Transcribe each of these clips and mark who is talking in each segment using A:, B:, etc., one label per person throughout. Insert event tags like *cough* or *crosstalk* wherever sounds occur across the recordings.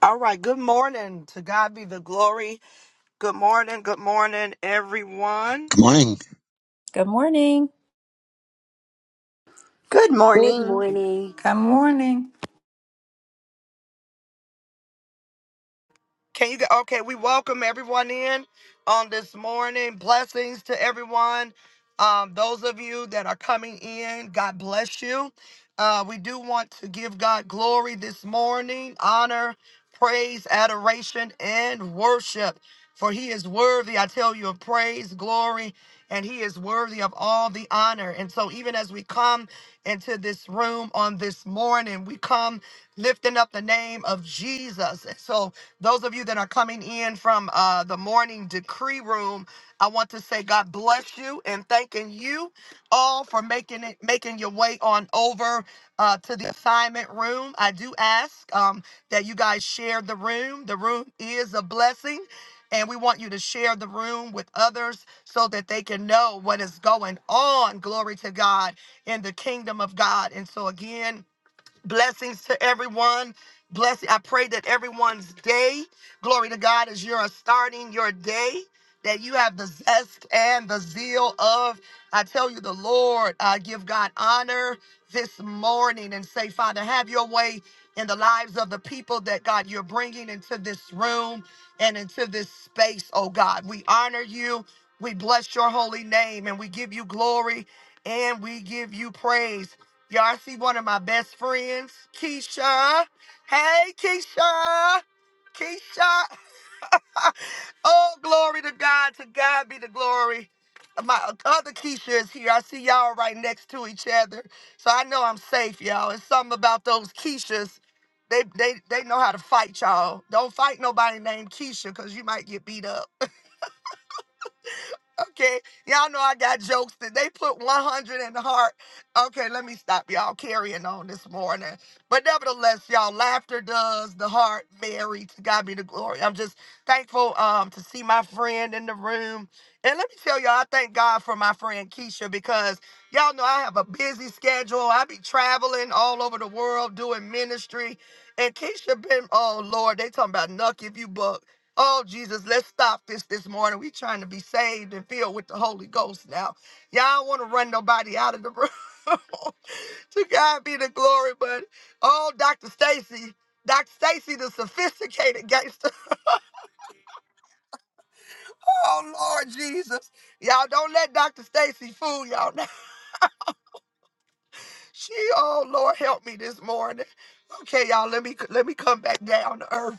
A: All right, good morning. To God be the glory. Good morning, good morning, everyone.
B: Good morning.
C: Good morning.
D: Good
E: Good
D: morning.
E: morning.
F: Good morning.
A: Can you get okay? We welcome everyone in on this morning. Blessings to everyone. Um, those of you that are coming in, God bless you. Uh, we do want to give God glory this morning, honor, praise, adoration, and worship. For he is worthy, I tell you, of praise, glory, and he is worthy of all the honor. And so, even as we come into this room on this morning, we come lifting up the name of Jesus. And so, those of you that are coming in from uh, the morning decree room, I want to say God bless you and thanking you all for making it, making your way on over uh, to the assignment room. I do ask um, that you guys share the room. The room is a blessing, and we want you to share the room with others so that they can know what is going on. Glory to God in the kingdom of God. And so again. Blessings to everyone. Bless. I pray that everyone's day, glory to God, as you're starting your day, that you have the zest and the zeal of, I tell you, the Lord. I give God honor this morning and say, Father, have your way in the lives of the people that God you're bringing into this room and into this space, oh God. We honor you. We bless your holy name and we give you glory and we give you praise. Y'all see one of my best friends, Keisha. Hey, Keisha. Keisha. *laughs* oh, glory to God. To God be the glory. My other Keisha is here. I see y'all right next to each other. So I know I'm safe, y'all. It's something about those Keishas. They, they, they know how to fight, y'all. Don't fight nobody named Keisha because you might get beat up. Okay, y'all know I got jokes that they put 100 in the heart. Okay, let me stop y'all carrying on this morning. But nevertheless, y'all, laughter does the heart merry. To God be the glory. I'm just thankful um to see my friend in the room. And let me tell y'all, I thank God for my friend Keisha because y'all know I have a busy schedule. I be traveling all over the world doing ministry. And Keisha been, oh Lord, they talking about Nuck if you buck. Oh, Jesus, let's stop this this morning. we trying to be saved and filled with the Holy Ghost now. Y'all don't want to run nobody out of the room. *laughs* to God be the glory, but oh, Dr. Stacy, Dr. Stacy, the sophisticated gangster. *laughs* Oh, Lord Jesus. Y'all don't let Dr. Stacy fool y'all now. *laughs* She, oh, Lord, help me this morning. Okay, y'all, let me let me come back down to earth.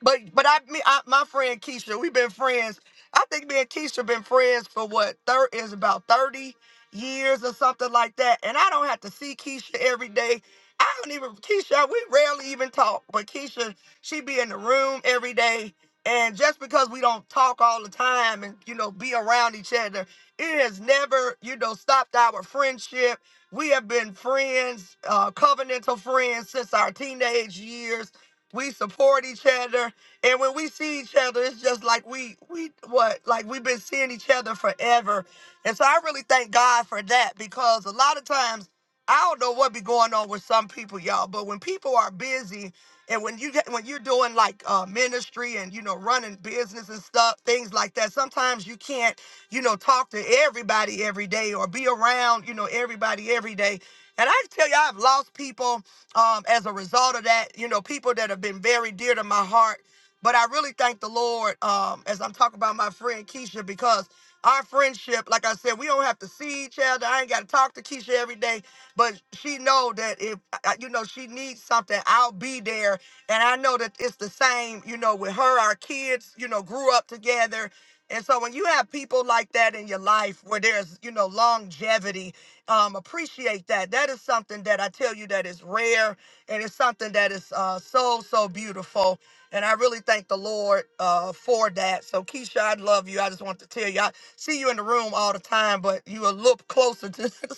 A: But but I, me, I my friend Keisha, we've been friends. I think me and Keisha been friends for what thir- is about thirty years or something like that. And I don't have to see Keisha every day. I don't even Keisha. We rarely even talk. But Keisha, she be in the room every day. And just because we don't talk all the time and you know be around each other, it has never you know stopped our friendship. We have been friends, uh, covenantal friends since our teenage years. We support each other and when we see each other, it's just like we we what like we've been seeing each other forever. And so I really thank God for that because a lot of times I don't know what be going on with some people, y'all. But when people are busy and when you get when you're doing like uh, ministry and you know running business and stuff, things like that, sometimes you can't you know talk to everybody every day or be around you know everybody every day. And I tell you, I've lost people um, as a result of that. You know, people that have been very dear to my heart but I really thank the Lord um, as I'm talking about my friend Keisha because our friendship, like I said, we don't have to see each other. I ain't got to talk to Keisha every day, but she know that if I- you know she needs something, I'll be there. And I know that it's the same, you know, with her. Our kids, you know, grew up together. And so when you have people like that in your life where there's, you know, longevity, um, appreciate that. That is something that I tell you that is rare and it's something that is uh, so, so beautiful. And I really thank the Lord uh, for that. So, Keisha, I love you. I just want to tell you, I see you in the room all the time, but you a little closer to *laughs* the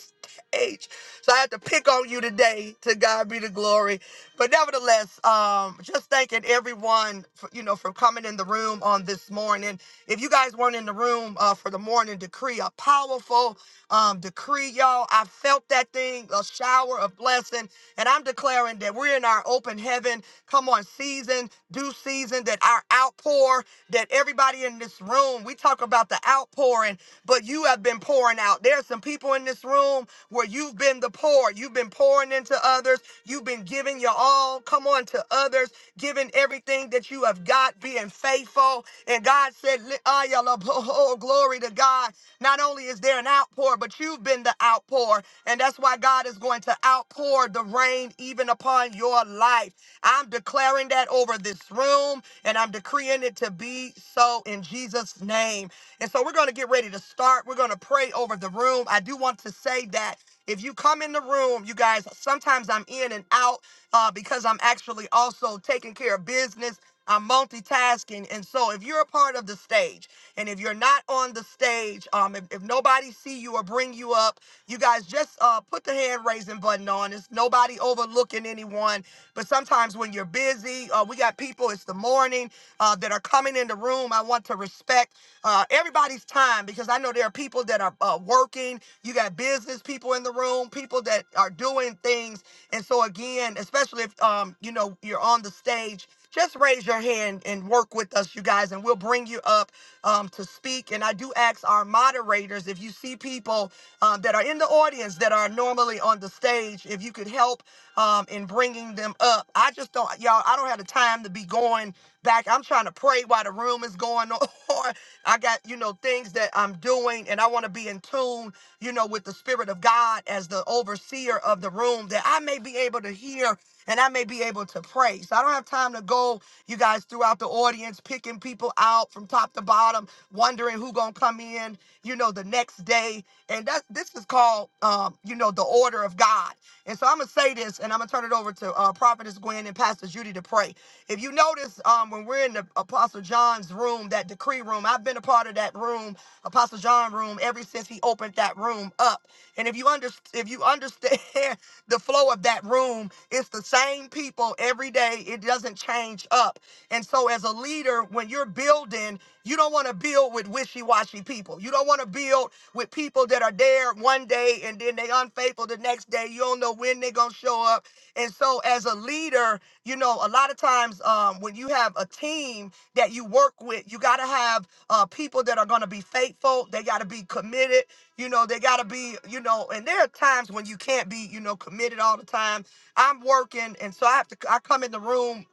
A: stage. So I had to pick on you today. To God be the glory. But nevertheless, um, just thanking everyone, for, you know, for coming in the room on this morning. If you guys weren't in the room uh, for the morning decree, a powerful um, decree, y'all. I felt that thing, a shower of blessing. And I'm declaring that we're in our open heaven Come on, season, due season, that our outpour, that everybody in this room, we talk about the outpouring, but you have been pouring out. There are some people in this room where you've been the pour. You've been pouring into others. You've been giving your all. Come on to others, giving everything that you have got, being faithful. And God said, "Li- ah, yalla, bo- *laughs* oh, glory to God. Not only is there an outpour, but you've been the outpour. And that's why God is going to outpour the rain even upon your life. I'm declaring that over this room and I'm decreeing it to be so in Jesus' name. And so we're going to get ready to start. We're going to pray over the room. I do want to say that if you come in the room, you guys, sometimes I'm in and out uh, because I'm actually also taking care of business. I'm multitasking. And so if you're a part of the stage and if you're not on the stage, um, if, if nobody see you or bring you up, you guys just uh, put the hand raising button on. It's nobody overlooking anyone. But sometimes when you're busy, uh, we got people. It's it's the morning uh, that are coming in the room. I want to respect uh, everybody's time because I know there are people that are uh, working. You got business people in the room, people that are doing things. And so again, especially if um, you know you're on the stage, just raise your hand and work with us, you guys, and we'll bring you up um, to speak. And I do ask our moderators if you see people um, that are in the audience that are normally on the stage, if you could help um, and bringing them up. I just don't, y'all, I don't have the time to be going back. I'm trying to pray while the room is going on. *laughs* I got, you know, things that I'm doing, and I want to be in tune, you know, with the Spirit of God as the overseer of the room that I may be able to hear and I may be able to pray. So I don't have time to go, you guys, throughout the audience, picking people out from top to bottom, wondering who gonna come in, you know, the next day. And that this is called, um, you know, the order of God. And so I'm gonna say this, and I'm gonna turn it over to uh, Prophetess Gwen and Pastor Judy to pray. If you notice, um, when we're in the Apostle John's room, that decree room, I've been a part of that room, Apostle John room, ever since he opened that room up. And if you under, if you understand *laughs* the flow of that room, it's the same people every day. It doesn't change up. And so, as a leader, when you're building, you don't want to build with wishy-washy people. You don't want to build with people that are there one day and then they unfaithful the next day. You don't know when they're gonna show up. And so as a leader, you know, a lot of times um, when you have a team that you work with, you gotta have uh, people that are gonna be faithful. They gotta be committed. You know, they gotta be, you know, and there are times when you can't be, you know, committed all the time. I'm working, and so I have to. I come in the room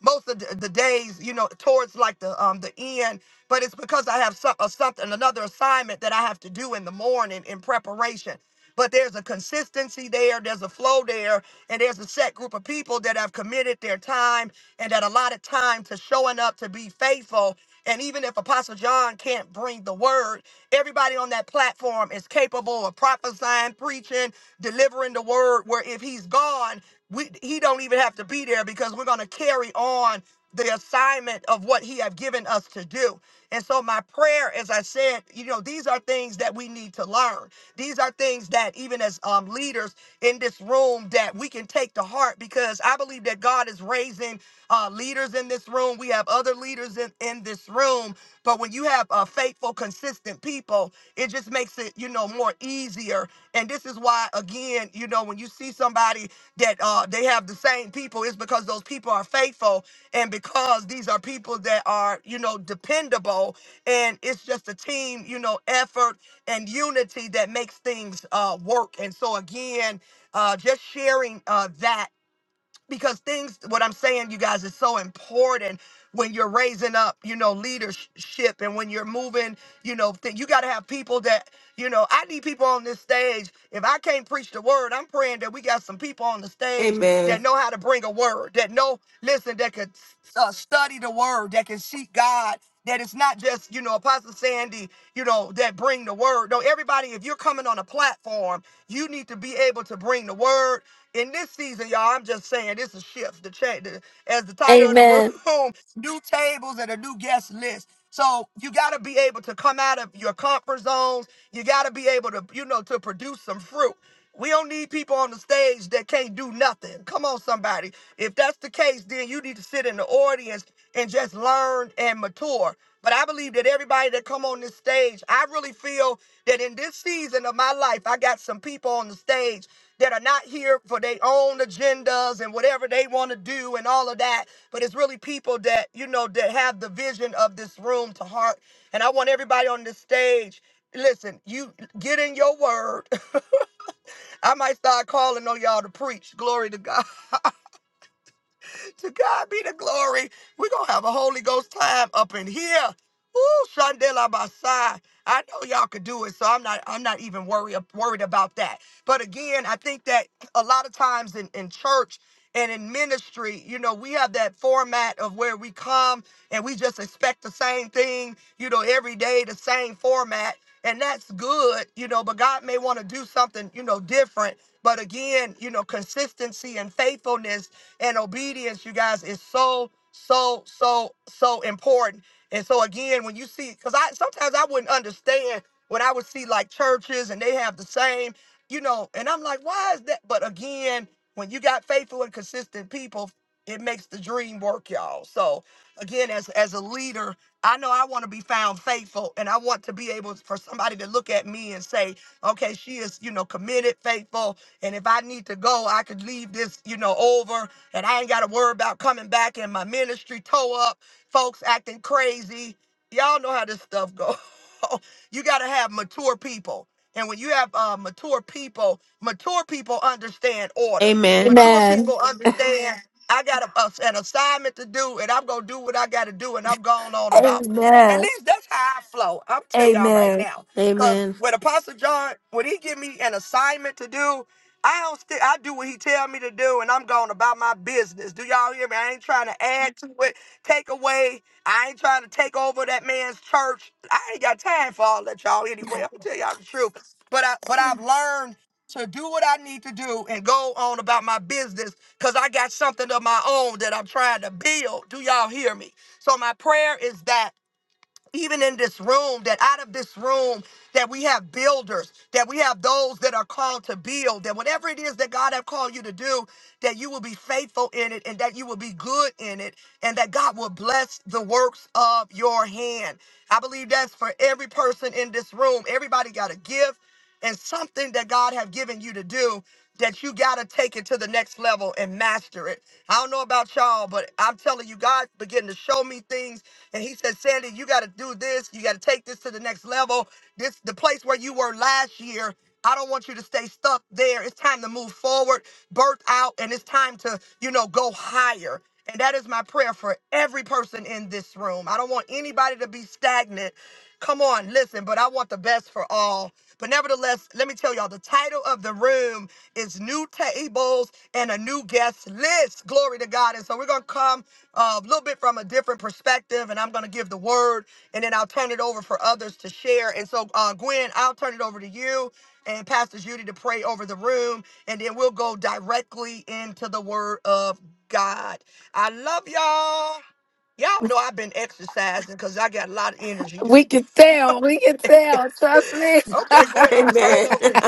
A: most of the, the days, you know, towards like the um the end. But it's because I have some, uh, something another assignment that I have to do in the morning in preparation. But there's a consistency there, there's a flow there, and there's a set group of people that have committed their time and that allotted time to showing up to be faithful and even if Apostle John can't bring the word, everybody on that platform is capable of prophesying, preaching, delivering the word. Where if he's gone, we, he don't even have to be there because we're going to carry on the assignment of what he have given us to do. And so, my prayer, as I said, you know, these are things that we need to learn. These are things that, even as um, leaders in this room, that we can take to heart because I believe that God is raising uh, leaders in this room. We have other leaders in, in this room. But when you have uh, faithful, consistent people, it just makes makes it, you know, more easier. And this is why, again, you know, when you see somebody that uh, they have the same people, it's because those people are faithful and because these are people that are, you know, dependable. And it's just a team, you know, effort and unity that makes things uh, work. And so, again, uh, just sharing uh, that because things what i'm saying you guys is so important when you're raising up you know leadership and when you're moving you know th- you got to have people that you know i need people on this stage if i can't preach the word i'm praying that we got some people on the stage that
G: Amen.
A: know how to bring a word that know listen that could uh, study the word that can seek god that it's not just you know apostle sandy you know that bring the word no everybody if you're coming on a platform you need to be able to bring the word in this season, y'all, I'm just saying this is shift. The change, the, as the title of the
H: Amen.
A: room, *laughs* new tables and a new guest list. So you got to be able to come out of your comfort zones. You got to be able to, you know, to produce some fruit. We don't need people on the stage that can't do nothing. Come on, somebody. If that's the case, then you need to sit in the audience and just learn and mature. But I believe that everybody that come on this stage, I really feel that in this season of my life, I got some people on the stage that are not here for their own agendas and whatever they want to do and all of that. But it's really people that, you know, that have the vision of this room to heart. And I want everybody on this stage. Listen, you get in your word. *laughs* I might start calling on y'all to preach. Glory to God to God be the glory. We're going to have a Holy Ghost time up in here. Ooh, Shandela Basai. I know y'all could do it, so I'm not I'm not even worried worried about that. But again, I think that a lot of times in, in church and in ministry, you know, we have that format of where we come and we just expect the same thing, you know, every day, the same format. And that's good, you know, but God may want to do something, you know, different. But again, you know, consistency and faithfulness and obedience, you guys, is so, so, so, so important. And so again, when you see, because I sometimes I wouldn't understand when I would see like churches and they have the same, you know, and I'm like, why is that? But again, when you got faithful and consistent people, it makes the dream work, y'all. So again, as as a leader, I know I want to be found faithful and I want to be able for somebody to look at me and say, okay, she is, you know, committed, faithful. And if I need to go, I could leave this, you know, over and I ain't got to worry about coming back and my ministry toe up, folks acting crazy. Y'all know how this stuff goes. *laughs* you got to have mature people. And when you have uh, mature people, mature people understand order.
G: Amen.
A: Mature
H: Amen.
A: people understand I got a, a- an assignment to do, and I'm gonna do what I got to do, and I'm going on about. At
H: Amen.
A: least that's how I flow. I'm tell y'all right
H: Amen.
A: now, cause
G: Amen.
A: when Apostle John, when he give me an assignment to do, I don't stick. I do what he tell me to do, and I'm going about my business. Do y'all hear me? I ain't trying to add to it, take away. I ain't trying to take over that man's church. I ain't got time for all that, y'all. Anyway, I'm gonna tell y'all the truth. But I, but I've learned to do what I need to do and go on about my business, cause I got something of my own that I'm trying to build. Do y'all hear me? So my prayer is that even in this room, that out of this room, that we have builders, that we have those that are called to build, that whatever it is that God have called you to do, that you will be faithful in it and that you will be good in it and that God will bless the works of your hand. I believe that's for every person in this room. Everybody got a gift and something that God have given you to do that you got to take it to the next level and master it. I don't know about y'all, but I'm telling you, God began to show me things and he said, Sandy, you got to do this. You got to take this to the next level. This, the place where you were last year. I don't want you to stay stuck there. It's time to move forward, birth out, and it's time to, you know, go higher. And that is my prayer for every person in this room. I don't want anybody to be stagnant. Come on, listen, but I want the best for all. But nevertheless, let me tell y'all the title of the room is New Tables and a New Guest List. Glory to God. And so we're going to come a little bit from a different perspective, and I'm going to give the word, and then I'll turn it over for others to share. And so, uh, Gwen, I'll turn it over to you and Pastor Judy to pray over the room, and then we'll go directly into the Word of God. I love y'all. Y'all know I've been exercising because I got a lot of energy
H: We
A: this week.
H: can tell. We can tell.
A: *laughs*
H: Trust me.
A: okay, Gwen, I'm turning
G: Amen. *laughs*
A: over. To,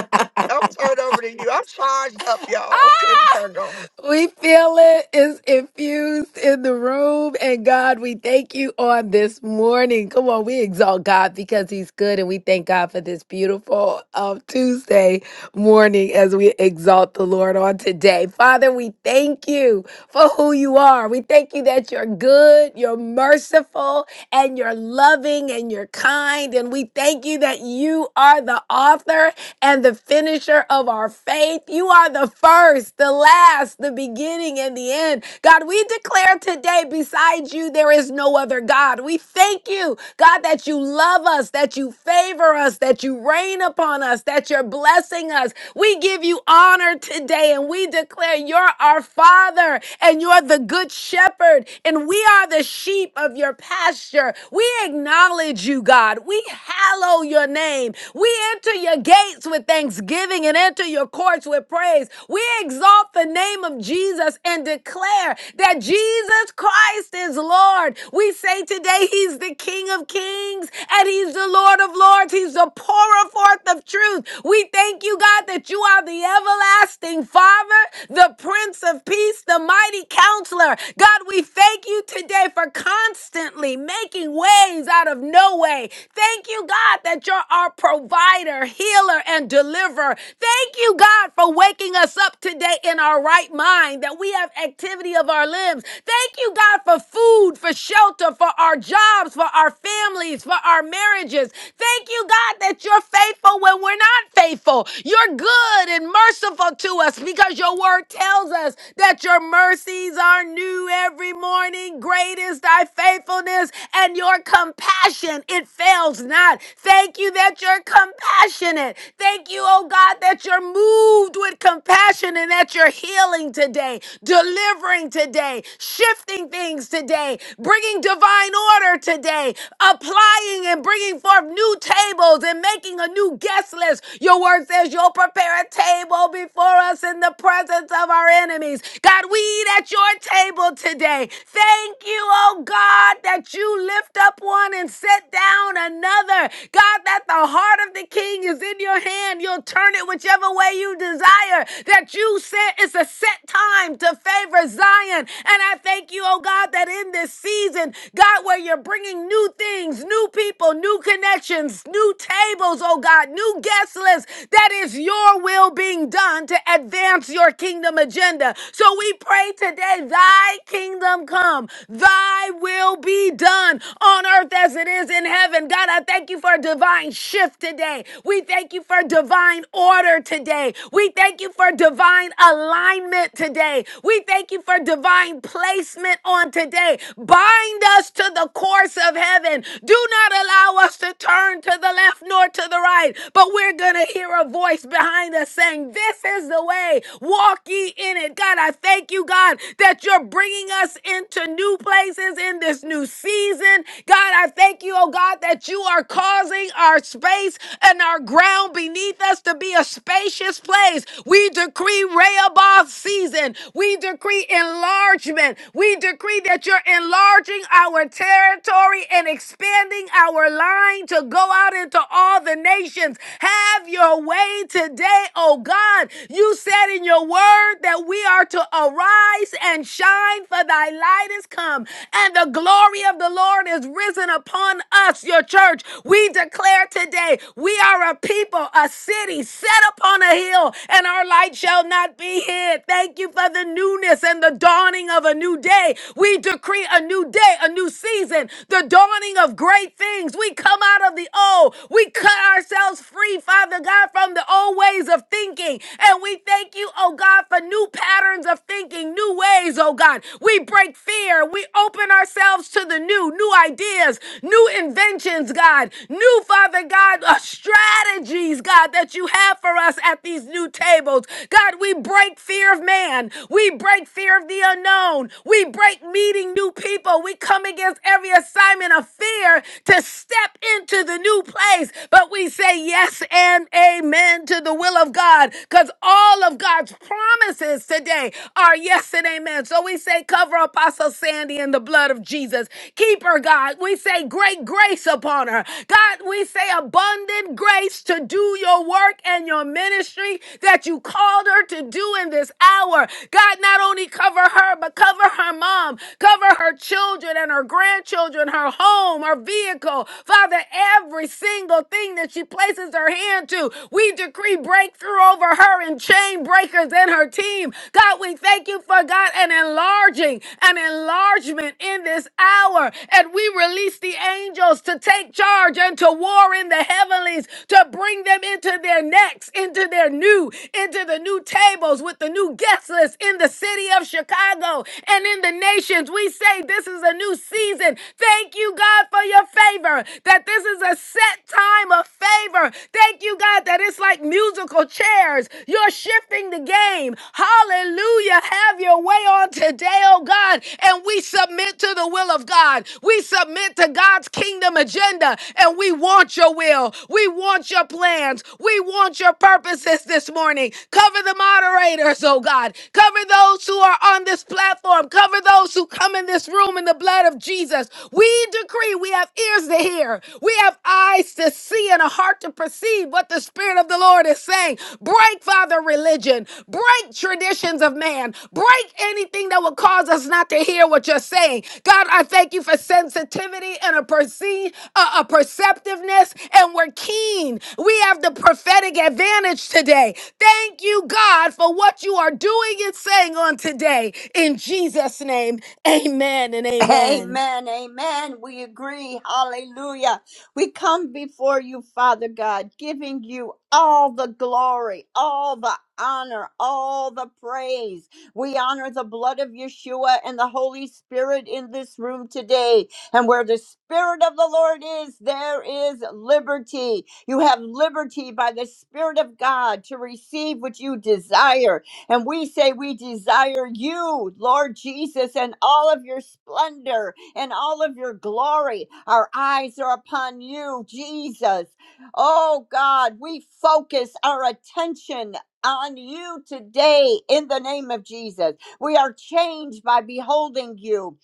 A: I'm turning over to you. I'm charged up,
H: *laughs*
A: y'all. Okay, I'm turning over.
H: We feel it is infused in the room. And God, we thank you on this morning. Come on, we exalt God because He's good. And we thank God for this beautiful um, Tuesday morning as we exalt the Lord on today. Father, we thank you for who you are. We thank you that you're good, you're merciful, and you're loving and you're kind. And we thank you that you are the author and the finisher of our faith. You are the first, the last, the beginning, and the end. God, we declare today, besides you, there is no other God. We thank you, God, that you love us, that you favor us, that you reign upon us, that you're blessing us. We give you honor today, and we declare you're our Father, and you're the good shepherd, and we are the sheep of your pasture. We acknowledge you, God. We hallow your name. We enter your gates gates with thanksgiving and enter your courts with praise. We exalt the name of Jesus and declare that Jesus Christ is Lord. We say today he's the King of Kings and he's the Lord of Lords. He's the pourer forth of truth. We thank you, God, that you are the everlasting Father, the Prince of Peace, the mighty counselor. God, we thank you today for constantly making ways out of no way. Thank you, God, that you're our provider, healer and deliverer. Thank you, God, for waking us up today in our right mind that we have activity of our limbs. Thank you, God, for food, for shelter, for our jobs, for our families, for our marriages. Thank you, God, that you're faithful when we're not faithful. You're good and merciful to us because your word tells us that your mercies are new every morning. Great is thy faithfulness and your compassion. It fails not. Thank you that your compassion compassionate. Thank you, oh God, that you're moved with compassion and that you're healing today, delivering today, shifting things today, bringing divine order today, applying and bringing forth new tables and making a new guest list. Your word says you'll prepare a table before us in the presence of our enemies. God, we eat at your table today. Thank you, oh God, that you lift up one and set down another. God, that the heart of the king is in your hand. You'll turn it whichever way you desire. That you said it's a set time to favor Zion. And I thank you, oh God, that in this season, God, where you're bringing new things, new people, new connections, new tables, oh God, new guest lists, that is your will being done to advance your kingdom agenda. So we pray today, thy kingdom come, thy will be done on earth as it is in heaven. God, I thank you for a divine shift shift today. We thank you for divine order today. We thank you for divine alignment today. We thank you for divine placement on today. Bind us to the course of heaven. Do not allow us to turn to the left nor to the right, but we're going to hear a voice behind us saying, This is the way. Walk ye in it. God, I thank you, God, that you're bringing us into new places in this new season. God, I thank you, oh God, that you are causing our space and our ground beneath us to be a spacious place. We decree Rehoboth season. We decree enlargement. We decree that you're enlarging our territory and expanding our line to go out into all the nations. Have your way today, oh God. You said in your word that we are to arise and shine, for thy light is come, and the glory of the Lord is risen upon us, your church. We declare declare today we are a people, a city set upon a hill, and our light shall not be hid. Thank you for the newness and the dawning of a new day. We decree a new day, a new season, the dawning of great things. We come out of the old. We cut ourselves free, Father God, from the old ways of thinking. And we thank you, oh God, for new patterns of thinking, new ways, oh God. We break fear. We open ourselves to the new, new ideas, new inventions, God, new you, Father God, uh, strategies, God, that you have for us at these new tables. God, we break fear of man. We break fear of the unknown. We break meeting new people. We come against every assignment of fear to step into the new place. But we say yes and amen to the will of God because all of God's promises today are yes and amen. So we say, cover Apostle Sandy in the blood of Jesus. Keep her, God. We say, great grace upon her. God, God, we say abundant grace to do your work and your ministry that you called her to do in this hour. God, not only cover her, but cover her mom, cover her children and her grandchildren, her home, her vehicle. Father, every single thing that she places her hand to, we decree breakthrough over her and chain breakers in her team. God, we thank you for God an enlarging, an enlargement in this hour. And we release the angels to take charge charge and to war in the heavenlies to bring them into their next, into their new, into the new tables with the new guest list in the city of Chicago and in the nations. We say this is a new season. Thank you, God, for your favor, that this is a set time of favor. Thank you, God, that it's like musical chairs. You're shifting the game. Hallelujah. Have your way on today, oh God. And we submit to the will of God. We submit to God's kingdom agenda agenda and we want your will. We want your plans. We want your purposes this morning. Cover the moderators, oh God. Cover those who are on this platform. Cover those who come in this room in the blood of Jesus. We decree we have ears to hear. We have eyes to see and a heart to perceive what the Spirit of the Lord is saying. Break, Father, religion. Break traditions of man. Break anything that will cause us not to hear what you're saying. God, I thank you for sensitivity and a perceive a, a perceptiveness and we're keen. We have the prophetic advantage today. Thank you, God, for what you are doing and saying on today. In Jesus' name, amen and amen.
D: Amen. Amen. We agree. Hallelujah. We come before you, Father God, giving you all the glory, all the honor, all the praise. We honor the blood of Yeshua and the Holy Spirit in this room today. And where the Spirit of the Lord is, there is liberty. You have liberty by the Spirit of God to receive what you desire And we say we desire you, Lord Jesus, and all of your splendor and all of your glory. Our eyes are upon you, Jesus. Oh God, we focus our attention on you today in the name of Jesus. We are changed by beholding you.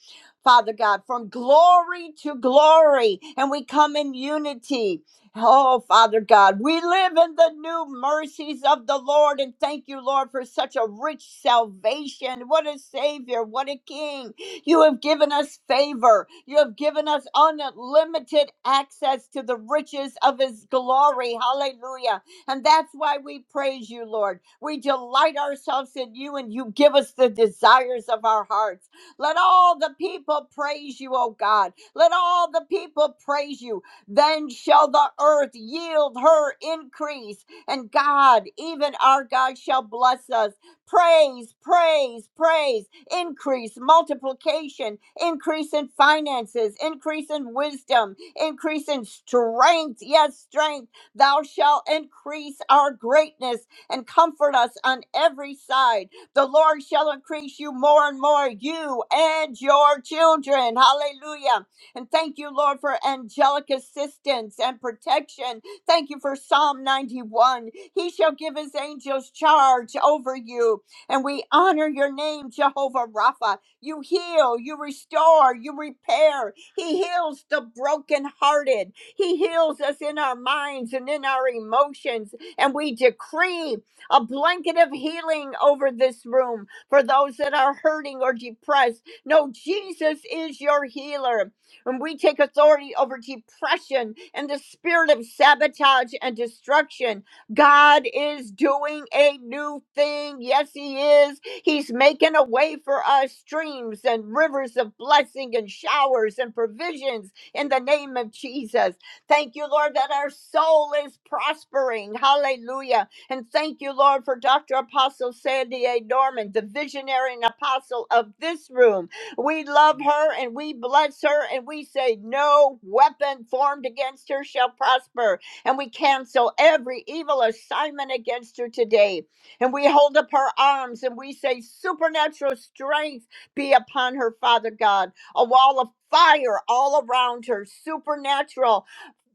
D: Father God, from glory to glory, and we come in unity. Oh, Father God, we live in the new mercies of the Lord, and thank you, Lord, for such a rich salvation. What a Savior, what a King. You have given us favor, you have given us unlimited access to the riches of His glory. Hallelujah. And that's why we praise you, Lord. We delight ourselves in you, and you give us the desires of our hearts. Let all the people praise you, oh God. Let all the people praise you then shall the earth yield her increase. And God, even our God, shall bless us. Praise, praise, praise, increase, multiplication, increase in finances, increase in wisdom, increase in strength. Yes, strength. Thou shalt increase our greatness and comfort us on every side. The Lord shall increase you more and more, you and your children. Hallelujah. And thank you, Lord, for angelic assistance and protection. Thank you for Psalm 91. He shall give his angels charge over you. And we honor your name, Jehovah Rapha. You heal, you restore, you repair. He heals the brokenhearted. He heals us in our minds and in our emotions. And we decree a blanket of healing over this room for those that are hurting or depressed. No, Jesus is your healer. And we take authority over depression and the spirit of sabotage and destruction. God is doing a new thing. Yes, He is. He's making a way for us streams and rivers of blessing and showers and provisions in the name of Jesus. Thank you, Lord, that our soul is prospering. Hallelujah. And thank you, Lord, for Dr. Apostle Sandy A. Norman, the visionary and apostle of this room. We love her and we bless her and we say, No weapon formed against her shall prosper. And we cancel every evil assignment against her today. And we hold up her arms and we say, Supernatural strength be upon her, Father God. A wall of fire all around her, supernatural.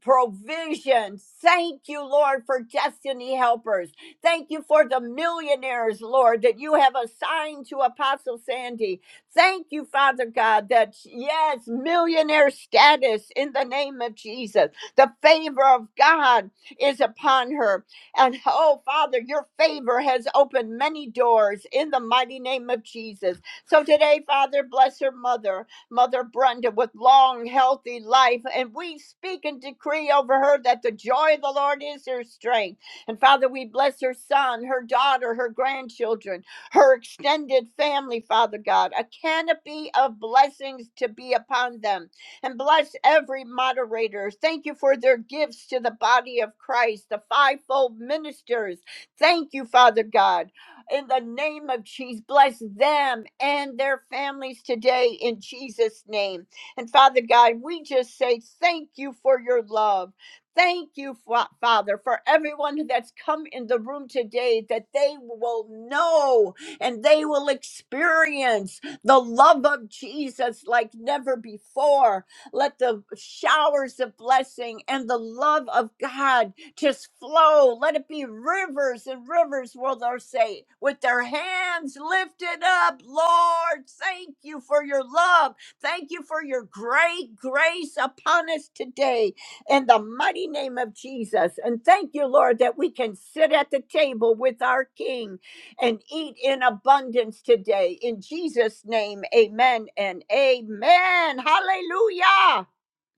D: Provision. Thank you, Lord, for destiny helpers. Thank you for the millionaires, Lord, that you have assigned to Apostle Sandy. Thank you, Father God, that yes, millionaire status in the name of Jesus. The favor of God is upon her. And oh, Father, your favor has opened many doors in the mighty name of Jesus. So today, Father, bless her mother, Mother Brenda, with long, healthy life. And we speak and decree over her that the joy of the Lord is her strength. And Father, we bless her son, her daughter, her grandchildren her extended family, Father God, a canopy of blessings to be upon them. And bless every moderator. Thank you for their gifts to the body of Christ, the fivefold ministers. Thank you, Father God. In the name of Jesus, bless them and their families today in Jesus' name. And Father God, we just say thank you for your love. Thank you, Fa- Father, for everyone that's come in the room today that they will know and they will experience the love of Jesus like never before. Let the showers of blessing and the love of God just flow. Let it be rivers and rivers will they say, with their hands lifted up, Lord, thank you for your love. Thank you for your great grace upon us today in the mighty name of Jesus. And thank you, Lord, that we can sit at the table with our King and eat in abundance today. In Jesus' name, amen and amen. Hallelujah.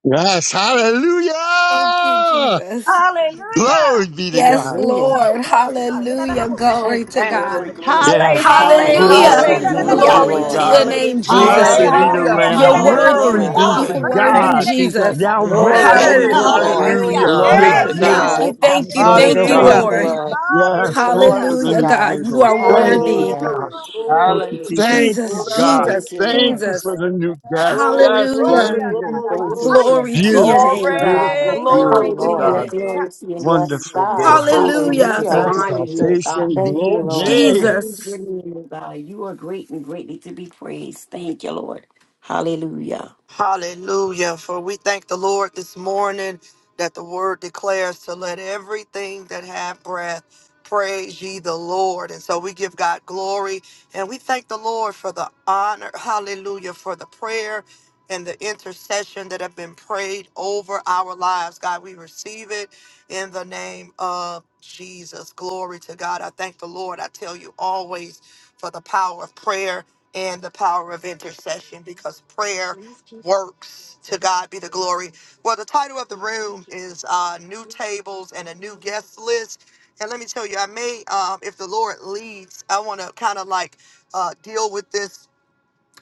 B: Yes,
H: Thank you,
B: hallelujah!
H: Jesus.
B: Glory
I: Hallelujah.
B: be to
H: Yes,
B: God.
J: Hallelujah.
I: Woo,
H: Lord.
I: glory.
H: Hallelujah.
I: Hallelujah.
H: Glory to
A: Amen.
K: Glory,
H: God.
K: glory,
D: Halle,
K: glory,
B: Yes,
I: Thank
D: halle,
K: glory,
I: you.
H: Hallelujah.
I: Yeah,
J: Hallelujah.
G: Ay,
B: blessed
K: glory.
B: be the
I: yeah.
G: yay,
J: Thank you,
G: yay,
D: hallelujah.
B: Lamb
H: Glory
B: of
G: yay,
H: to
J: Lord.
H: your
B: God.
G: yay.
H: name,
K: Hallelujah.
D: Halle,
J: Thank
H: Jesus.
G: Yay.
J: you,
B: Blessed be the
J: Lord.
L: Hallelujah.
D: halle,
B: Lamb.
H: You're
G: Glory,
K: Bless the
B: Glory
H: worthy.
G: glory,
J: Hallelujah.
K: name of
B: be to
D: hallelujah.
G: glory.
H: You're worthy,
L: Thank
K: Jesus.
J: Hallelujah.
L: you,
B: God.
L: Jesus.
H: Jesus.
G: Glory,
M: Glory,
G: glory,
J: Thank
B: Yahweh,
J: you,
M: hallelujah.
H: Hallelujah.
G: glory.
J: Lord.
M: Thank you,
D: Hallelujah.
B: hallelujah.
K: Oh,
M: Jesus.
B: You're
L: Glory
H: God,
L: to
J: Thank
K: bless his
J: you,
D: Hallelujah.
H: thank
L: God.
J: Lord.
K: name.
H: you,
B: beautiful,
H: thank you,
B: awesome,
M: Bless
B: oh
H: thank
M: your
H: you,
J: Thank
K: Bless
M: holy
B: God.
L: Hallelujah.
J: you,
H: Lord.
K: his
M: name.
K: name.
J: Lord.
B: Yes, thanks
K: Hallelujah.
I: Hallelujah.
J: Glory
B: for the
J: to
H: Hallelujah,
B: new
J: God.
H: God. You
B: tables.
H: are
I: Thank
B: Thank
I: you,
B: you,
H: worthy.
J: Hallelujah.
K: Glory,
B: God.
I: Lord.
L: Thank
K: glory.
L: you,
N: Hallelujah.
H: Ooh,
L: Jesus.
B: Thank you,
I: Woo.
H: Jesus,
K: Orabandika.
B: God.
H: Jesus,
J: Thank you,
B: Thank
J: Lord.
B: you
H: Jesus.
B: for the new guests.
K: Glory,
B: Yes, the
I: Glory
H: Hallelujah.
K: glory,
B: angels.
K: glory,
J: Thank you,
K: glory.
H: Glory to
J: Jesus.
H: your
B: Beautiful,
J: Thank
H: name,
J: you,
H: God.
J: Father.
B: beautiful,
D: Glory.
J: Thank you,
H: Glory
B: beautiful
H: to your
E: Hallelujah.
J: Lord.
B: God.
H: name.
E: Glory to your name. Lord.
J: Yes,
B: Wonderful,
E: We
J: God.
K: Yes,
E: just
B: glory.
K: Lord.
E: thank you. We
K: Yes,
H: Hallelujah.
E: just
J: Hallelujah.
L: Thank you,
K: Lord.
E: honor you, oh
L: Jesus.
B: Exaltation,
E: God.
J: Thank you,
K: Yes,
E: We
J: Lord.
E: just
K: Lord.
B: glory.
E: praise your
H: Jesus.
E: name, oh God. You are great and greatly to be praised. Thank you, Lord. Hallelujah.
A: Hallelujah. For we thank the Lord this morning that the word declares to let everything that have breath praise ye the Lord. And so we give God glory and we thank the Lord for the honor. Hallelujah. For the prayer and the intercession that have been prayed over our lives. God, we receive it in the name of Jesus. Glory to God. I thank the Lord. I tell you always for the power of prayer and the power of intercession because prayer works. To God be the glory. Well, the title of the room is uh, New Tables and a New Guest List. And let me tell you, I may, um, if the Lord leads, I want to kind of like uh, deal with this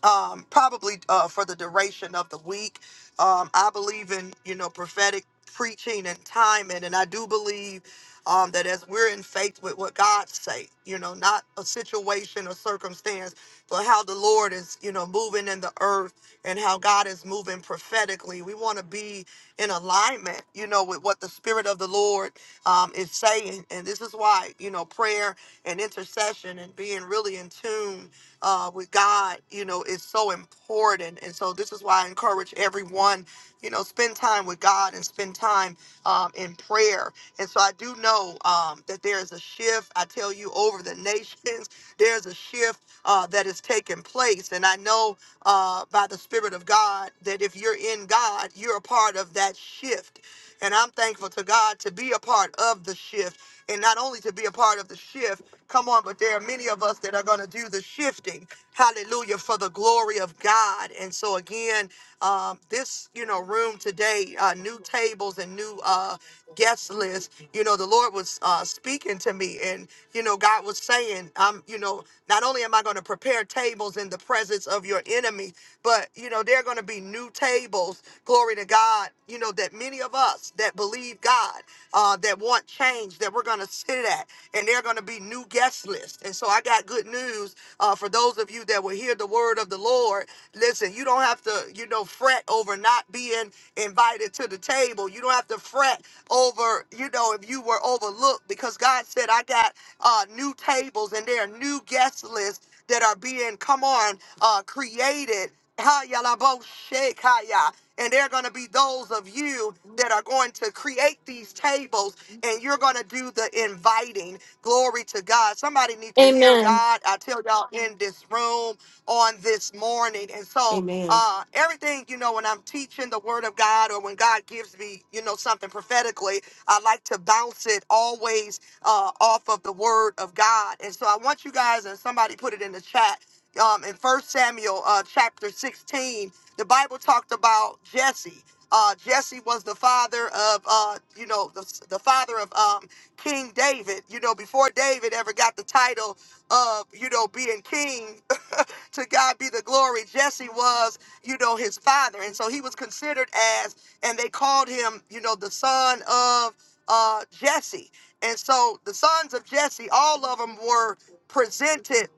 A: um, probably uh, for the duration of the week. Um, I believe in you know prophetic preaching and timing, and I do believe um, that as we're in faith with what God say, you know, not a situation or circumstance, but how the Lord is you know moving in the earth and how God is moving prophetically. We want to be in alignment, you know, with what the Spirit of the Lord um, is saying, and this is why you know prayer and intercession and being really in tune uh, with God, you know, is so important. And so this is why I encourage everyone, you know, spend time with God and spend time um, in prayer. And so I do know um, that there is a shift. I tell you, over the nations, *laughs* there's a shift uh, that is taking place. And I know uh, by the Spirit of God that if you're in God, you're a part of that shift. And I'm thankful to God to be a part of the shift and not only to be a part of the shift Come on, but there are many of us that are going to do the shifting. Hallelujah for the glory of God. And so again, um, this you know room today, uh, new tables and new uh, guest list. You know, the Lord was uh, speaking to me, and you know, God was saying, "I'm you know, not only am I going to prepare tables in the presence of your enemy, but you know, there are going to be new tables. Glory to God. You know that many of us that believe God, uh, that want change, that we're going to sit at and they're going to be new guest lists. And so I got good news uh, for those of you that will hear the word of the Lord. Listen, you don't have to, you know, fret over not being invited to the table. You don't have to fret over, you know, if you were overlooked because God said, I got uh, new tables and there are new guest lists that are being, come on, uh, created. Ha, ya, la, bo, shake, ha, ya. And there are going to be those of you that are going to create these tables and you're going to do the inviting. Glory to God. Somebody need to hear
H: Amen.
A: God. I tell y'all in this room on this morning. And so
G: Amen.
A: uh, everything, you know, when I'm teaching the word of God or when God gives me, you know, something prophetically, I like to bounce it always uh, off of the word of God. And so I want you guys, and somebody put it in the chat, um, in First Samuel uh, chapter 16, the Bible talked about Jesse. Uh, Jesse was the father of, uh, you know, the, the father of um, King David, you know, before David ever got the title of, you know, being king, *laughs* to God be the glory, Jesse was, you know, his father. And so he was considered as, and they called him, you know, the son of uh, Jesse. And so the sons of Jesse, all of them were presented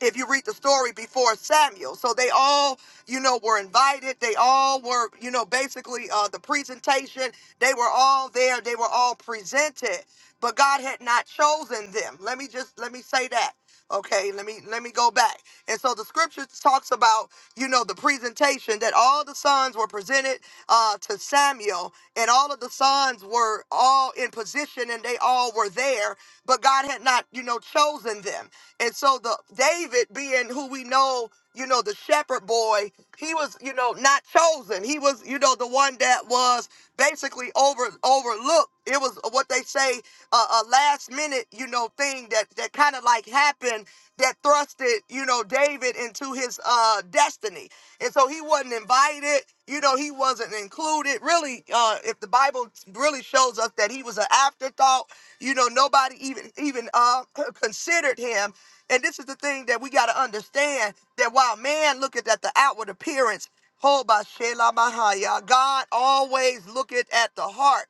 A: if you read the story before Samuel. So they all, you know, were invited. They all were, you know, basically uh, the presentation, they were all there. They were all presented, but God had not chosen them. Let me just, let me say that. Okay, let me let me go back. And so the scripture talks about, you know, the presentation that all the sons were presented uh, to Samuel, and all of the sons were all in position, and they all were there, but God had not, you know, chosen them. And so the David being who we know, you know, the shepherd boy, he was, you know, not chosen. He was, you know, the one that was basically over overlooked. It was what they say a, a last minute, you know, thing that that kind of like happened that thrusted, you know, David into his uh destiny. And so he wasn't invited, you know, he wasn't included. Really, uh if the Bible really shows us that he was an afterthought, you know, nobody even even uh *clears throat* considered him and this is the thing that we got to understand that while man looketh at the outward appearance, hold by Shelah Mahaya, God always looketh at the heart.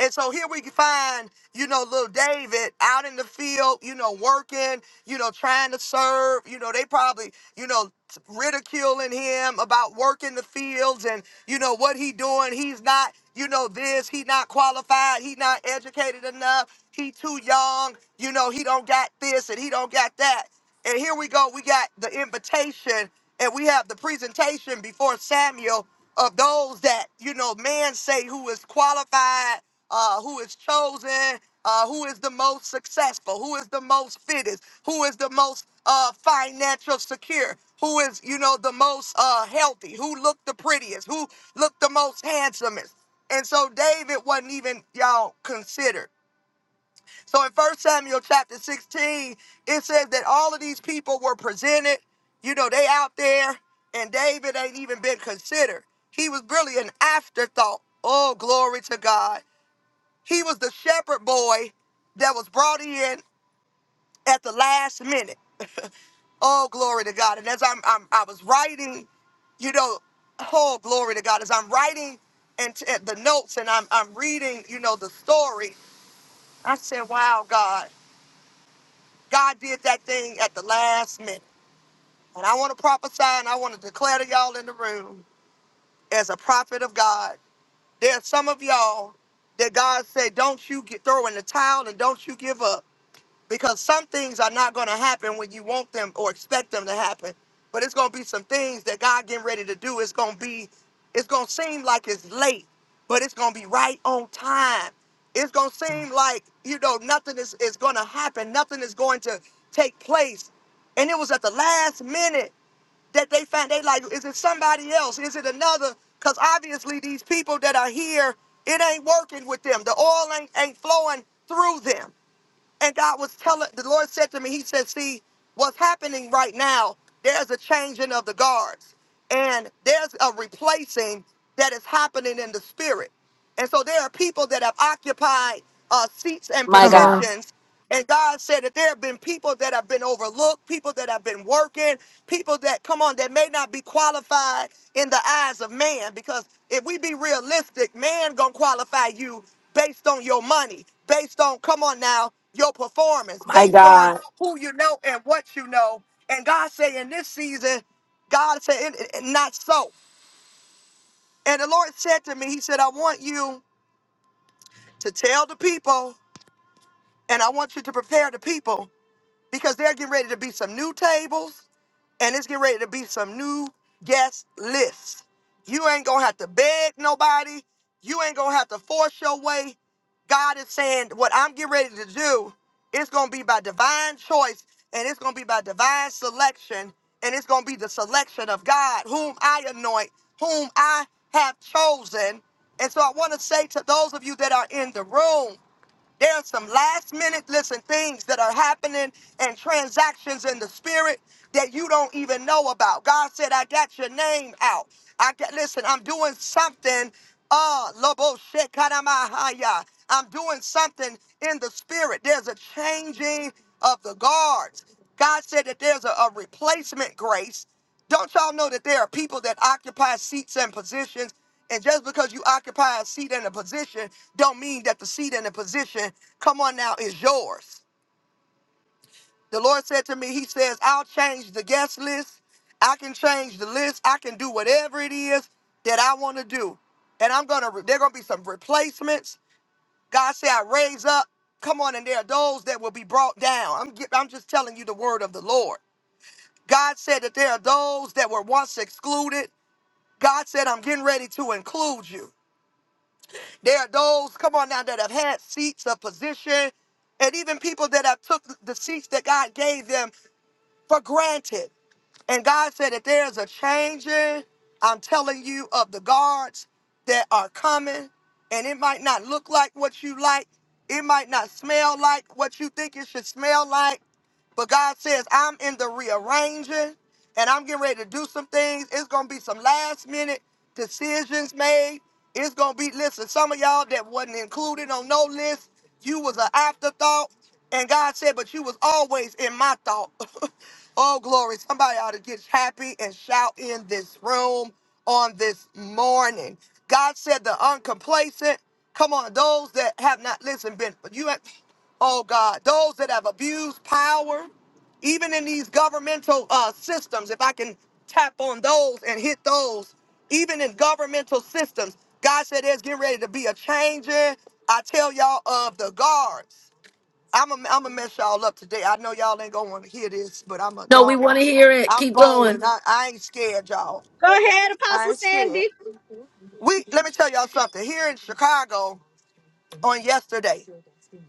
A: And so here we can find, you know, little David out in the field, you know, working, you know, trying to serve. You know, they probably, you know, ridiculing him about working the fields and you know what he doing he's not you know this he not qualified he not educated enough he too young you know he don't got this and he don't got that and here we go we got the invitation and we have the presentation before samuel of those that you know man say who is qualified uh, who is chosen, uh, who is the most successful, who is the most fitted, who is the most uh, financial secure, who is, you know, the most uh, healthy, who looked the prettiest, who looked the most handsomest. And so David wasn't even, y'all, considered. So in First Samuel chapter 16, it says that all of these people were presented. You know, they out there, and David ain't even been considered. He was really an afterthought. Oh, glory to God. He was the shepherd boy that was brought in at the last minute. *laughs* oh, glory to God. And as I'm, I'm I was writing, you know, oh, glory to God. As I'm writing and t- the notes and I'm, I'm reading, you know, the story, I said, wow, God, God did that thing at the last minute. And I want to prophesy and I want to declare to y'all in the room as a prophet of God, there's some of y'all that God said, don't you get, throw in the towel and don't you give up because some things are not going to happen when you want them or expect them to happen. But it's going to be some things that God getting ready to do. It's going to be, it's going to seem like it's late, but it's going to be right on time. It's going to seem like, you know, nothing is, is going to happen. Nothing is going to take place. And it was at the last minute that they found they like is it somebody else is it another because obviously these people that are here it ain't working with them the oil ain't, ain't flowing through them and God was telling, the Lord said to me, He said, See, what's happening right now, there's a changing of the guards and there's a replacing that is happening in the spirit. And so there are people that have occupied uh, seats and
H: My
G: Come
H: God.
G: on.
A: positions. And God said that there have been people that have been overlooked, people that have been working, people that, come on, that may not be qualified in the eyes of man. Because if we be realistic, man gonna qualify you based on your money, based on, come on now, your performance
H: My
A: based on
H: God.
A: who you know and what you know. And God said in this season, God said, "And- and not so. And the Lord said to me, He said, I want you to tell the people and I want you to prepare the people because they're getting ready to be some new tables. and it's getting ready to be some new guest lists. You ain't gonna have to beg nobody. You ain't gonna have to force your way. God is saying, what I'm getting ready to do, it's gonna be by divine choice, and it's gonna be by divine selection, and it's gonna be the selection of God, whom I anoint, whom I have chosen. And so I want to say to those of you that are in the room, there's some last minute, listen, things that are happening and transactions in the spirit that you don't even know about. God said, I got your name out. I got, listen, I'm doing something. Uh, Lobo Shekaramahaya. I'm doing something in the spirit. There's a changing of the guards. God said that there's a, a replacement grace don't y'all know that there are people that occupy seats and positions? And just because you occupy a seat and a position, don't mean that the seat and the position, come on now, is yours. The Lord said to me, He says, I'll change the guest list. I can change the list. I can do whatever it is that I want to do. And I'm going to, there going to be some replacements. God said, I raise up. Come on, and there are those that will be brought down. I'm, gi- I'm just telling you the word of the Lord. God said that there are those that were once excluded. God said, I'm getting ready to include you. There are those, come on now, that have had seats of position, and even people that have took the seats that God gave them for granted. And God said that there's a changing, I'm telling you, of the guards that are coming. And it might not look like what you like. It might not smell like what you think it should smell like. But God says, I'm in the rearranging and I'm getting ready to do some things. It's going to be some last minute decisions made. It's going to be, listen, some of y'all that wasn't included on no list, you was an afterthought. And God said, but you was always in my thought. *laughs* oh, glory. Somebody ought to get happy and shout in this room on this morning. God said, the uncomplacent, come on, those that have not, listen, been, you have oh God, those that have abused power, even in these governmental uh, systems, if I can tap on those and hit those, even in governmental systems, God said there's getting ready to be a change in. I tell y'all of the guards. I'm gonna I'm gonna mess y'all up today. I know y'all ain't gonna wanna hear this, but I'm a,
H: No, we
A: y'all.
H: want
A: know
H: to hear it.
A: I'm
H: Keep
A: bold
H: going.
A: and I, I ain't scared, y'all.
I: Go ahead,
A: I
I: Apostle
A: ain't
I: Sandy.
A: scared. We let me tell y'all something. Here in Chicago, on yesterday.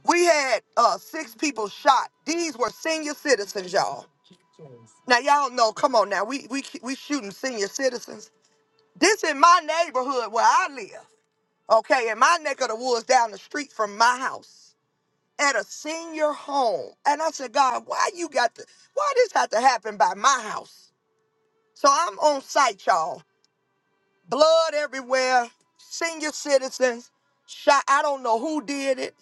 A: We had uh, six people shot. These were senior citizens, y'all. Now y'all know. Come on, now we we we shooting senior citizens. This in my neighborhood where I live. Okay, in my neck of the woods, down the street from my house, at a senior home. And I said, God, why you got to? Why this had to happen by my house? So I'm on site, y'all. Blood everywhere. Senior citizens shot. I don't know who did it.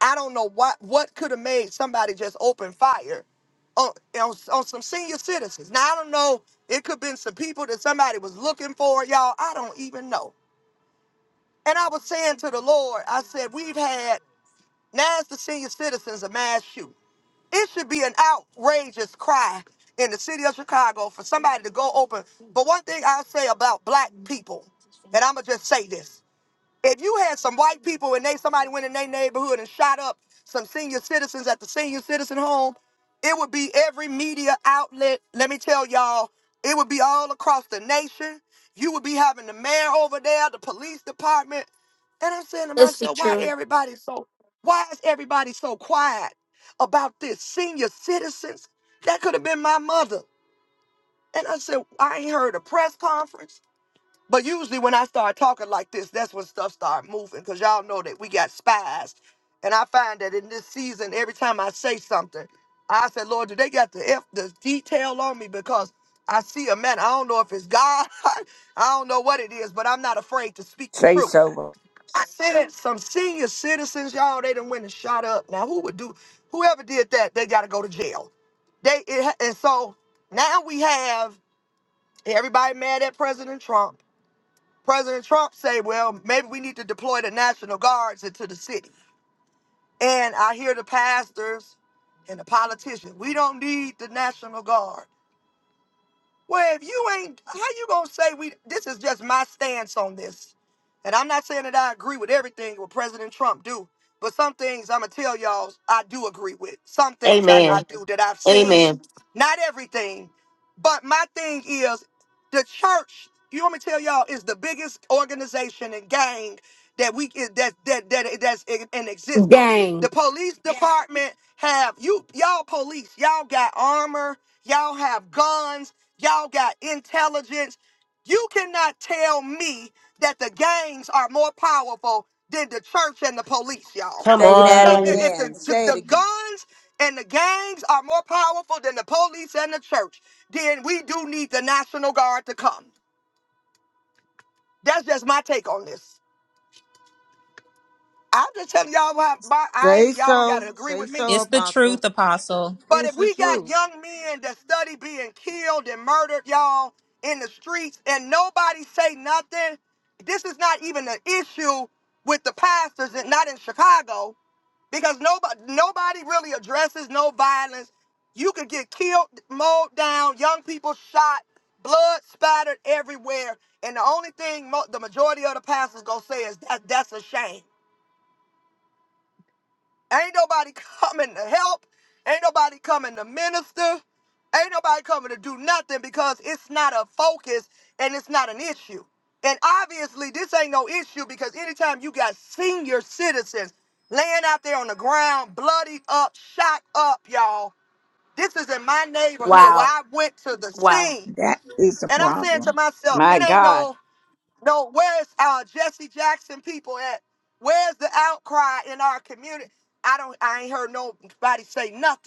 A: I don't know what what could have made somebody just open fire on, on on some senior citizens. Now I don't know. It could have been some people that somebody was looking for, y'all. I don't even know. And I was saying to the Lord, I said, we've had now it's the senior citizens a mass shoot. It should be an outrageous cry in the city of Chicago for somebody to go open. But one thing I'll say about black people, and I'ma just say this. If you had some white people and they somebody went in their neighborhood and shot up some senior citizens at the senior citizen home, it would be every media outlet. Let me tell y'all, it would be all across the nation. You would be having the mayor over there, the police department. And I'm saying to
H: Let's be
A: myself, why
H: true.
A: everybody so why is everybody so quiet about this senior citizens? That could have been my mother. And I said, I ain't heard a press conference. But usually when I start talking like this, that's when stuff start moving. Cause y'all know that we got spies. And I find that in this season, every time I say something, I said, Lord, do they got the F the detail on me? Because I see a man. I don't know if it's God. *laughs* I don't know what it is, but I'm not afraid to speak the
M: Say
A: truth.
M: so.
A: I said it. some senior citizens, y'all, they done went and shot up. Now who would do whoever did that, they gotta go to jail. They it, ha- and so now we have everybody mad at President Trump. President Trump say, well, maybe we need to deploy the National Guards into the city. And I hear the pastors and the politicians, we don't need the National Guard. Well, if you ain't, how you gonna say we? This is just my stance on this, and I'm not saying that I agree with everything what President Trump do, but some things I'm gonna tell y'all I do agree with. Some things I, I
G: Amen.
A: do that I've seen,
G: Amen.
A: not everything, but my thing is the church. You want me to tell y'all is the biggest organization and gang that we is- that that that that's in, in existence.
H: gang.
A: The police Yeah. department have you y'all police y'all got armor y'all have guns Y'all got intelligence. You cannot tell me that the gangs are more powerful than the church and the police, y'all.
G: Come
M: Say that
A: Because if
G: on.
A: if the,
M: again. Say it
A: the
M: again.
A: guns and the gangs are more powerful than the police and the church, then we do need the National Guard to come. That's just my take on this. I'm just telling y'all why, why I
M: Say
A: ain't, y'all don't
M: so.
A: gotta agree
M: Say
A: with me.
M: so,
C: It's
M: Apostle.
A: But
M: It's
A: if
M: the
A: we got
M: truth.
A: young men that study being killed and murdered, y'all, in the streets, and nobody say nothing, this is not even an issue with the pastors, and not in Chicago, because nobody nobody really addresses no violence. You could get killed, mowed down, young people shot, blood spattered everywhere, and the only thing mo- the majority of the pastors gonna say is that that's a shame. Ain't nobody coming to help. Ain't nobody coming to minister. Ain't nobody coming to do nothing because it's not a focus and it's not an issue. And obviously, this ain't no issue because anytime you got senior citizens laying out there on the ground, bloodied up, shot up, y'all, this is in my neighborhood where
H: Wow.
A: I went to the
H: Wow.
A: scene.
M: That is the
A: And I'm saying to
M: problem.
A: myself,
D: My
A: it ain't no.
D: God.
A: No, where's uh Jesse Jackson people at? Where's the outcry in our community? I don't I ain't heard nobody say nothing.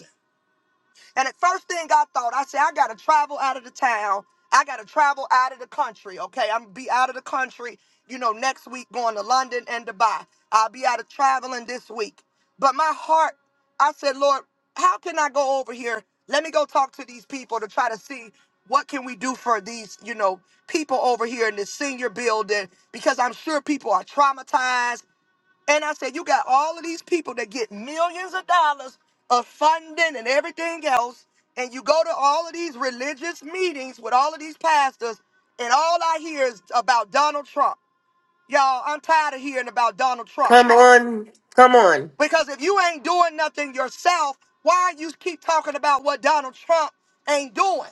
A: And at first thing I thought, I said, I gotta travel out of the town. I gotta travel out of the country. Okay, I'm gonna be out of the country. You know, next week going to London and Dubai. I'll be out of traveling this week. But my heart, I said, Lord, how can I go over here? Let me go talk to these people to try to see what can we do for these, you know, people over here in this senior building because I'm sure people are traumatized and I said, you got all of these people that get millions of dollars of funding and everything else, and you go to all of these religious meetings with all of these pastors, and all I hear is about Donald Trump. Y'all, I'm tired of hearing about Donald Trump.
G: Come on. Come on.
A: Because if you ain't doing nothing yourself, why you keep talking about what Donald Trump ain't doing?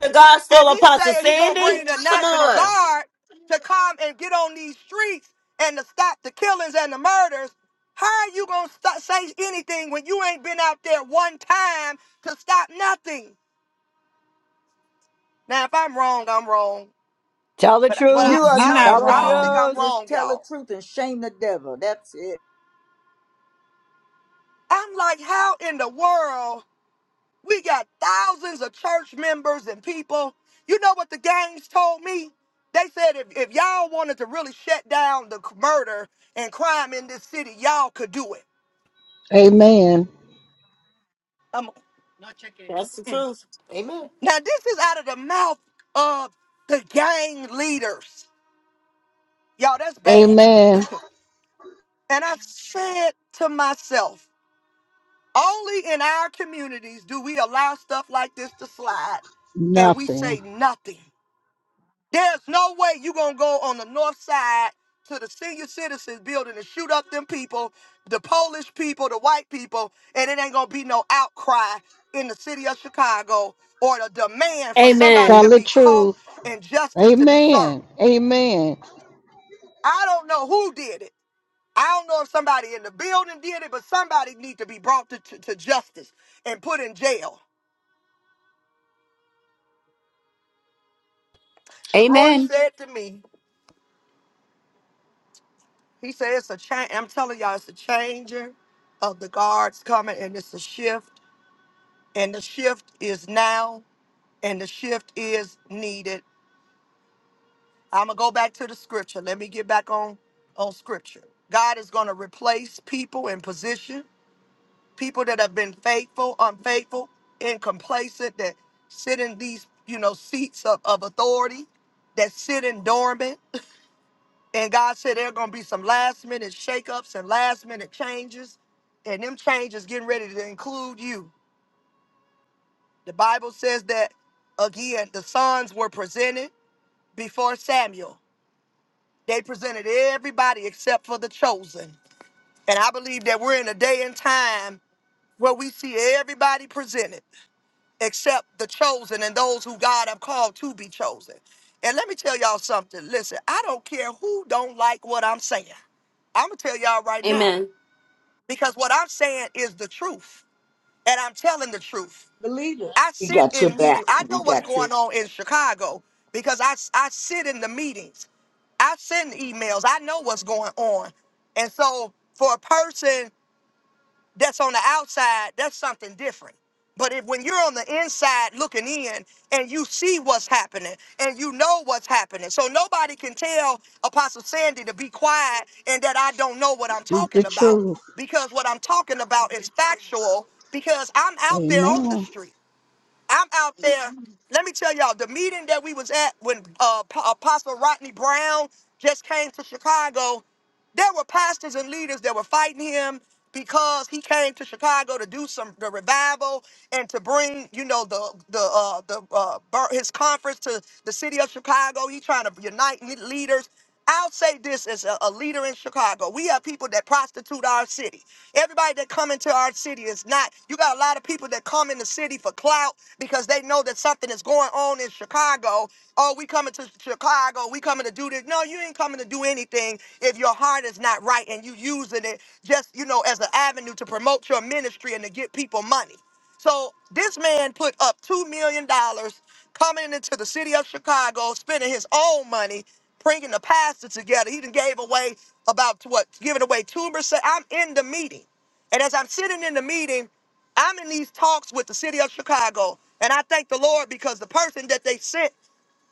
G: The
A: If
G: gospel,
A: he
G: Apostle
A: saying he gonna
G: Sandy.
A: bring the
G: Come
A: National
G: on.
A: Guard to come and get on these streets and to stop the killings and the murders, how are you gonna st- say anything when you ain't been out there one time to stop nothing? Now, if I'm wrong, I'm wrong,
D: Tell the
A: but but I,
M: You are
D: truth.
C: you
A: I don't
M: not
C: not
D: Tell the
A: I don't think
M: wrong.
C: wrong.
A: I'm
D: truth.
M: Just
A: wrong,
M: tell the
A: y'all.
M: truth and shame the devil. That's it.
A: I'm like, how in the world We got thousands of church members and people. You know what the gangs told me? They said if, if y'all wanted to really shut down the c- murder and crime in this city, y'all could do it.
O: Amen.
A: Um,
G: That's the truth. Amen.
A: now, this is out of the mouth of the gang leaders. Y'all, that's bad.
O: Amen.
A: And I said to myself, only in our communities do we allow stuff like this to slide and we
O: Nothing.
A: say nothing. There's no way you gonna go on the north side to the senior citizens building and shoot up them people, the Polish people, the white people, and it ain't gonna be no outcry in the city of Chicago or the demand for somebody
H: Amen.
O: Tell
A: to
O: the
A: be caught
O: truth.
A: and justice to be served.
O: Amen. Amen.
A: I don't know who did it. I don't know if somebody in the building did it, but somebody need to be brought to, to, to justice and put in jail. The Lord
D: Amen.
A: said to me, He said it's a change. I'm telling y'all, it's a changing of the guards coming, and it's a shift. And the shift is now, and the shift is needed. I'm gonna go back to the scripture. Let me get back on on scripture. God is gonna replace people in position, people that have been faithful, unfaithful, and complacent that sit in these you know seats of, of authority, that sit in dormant. And God said there are gonna be some last minute shakeups and last minute changes, and them changes getting ready to include you. The Bible says that again, the sons were presented before Samuel. They presented everybody except for the chosen. And I believe that we're in a day and time where we see everybody presented except the chosen and those who God have called to be chosen. And let me tell y'all something. Listen, I don't care who don't like what I'm saying. I'm gonna tell y'all right now.
H: Amen.
A: because what I'm saying is the truth, and I'm telling the truth.
M: Believe it.
A: I
M: We
A: sit
M: got your
A: in
M: back.
A: meetings. I
M: We
A: know what's
M: got your
A: going on in Chicago because I I sit in the meetings. I send emails. I know what's going on, and so for a person that's on the outside, that's something different. But if, when you're on the inside looking in and you see what's happening and you know what's happening, so nobody can tell Apostle Sandy to be quiet and that I don't know what I'm
O: Speak the
A: talking about
O: truth.
A: because what I'm talking about is factual because I'm out there on the
O: Amen.
A: street. I'm out there. Let me tell y'all the meeting that we was at when uh, P- Apostle Rodney Brown just came to Chicago. There were pastors and leaders that were fighting him because he came to Chicago to do some the revival and to bring, you know, the the uh, the uh, bur- his conference to the city of Chicago. He trying to unite le- leaders. I'll say this as a, a leader in Chicago. We have people that prostitute our city. Everybody that come into our city is not. You got a lot of people that come in the city for clout because they know that something is going on in Chicago. Oh, we coming to Chicago. We coming to do this. No, you ain't coming to do anything if your heart is not right and you using it just, you know, as an avenue to promote your ministry and to get people money. So this man put up $2 million dollars coming into the city of Chicago, spending his own money, bringing the pastor together. He done gave away about what, giving away 2%. I'm in the meeting. And as I'm sitting in the meeting, I'm in these talks with the city of Chicago. And I thank the Lord because the person that they sent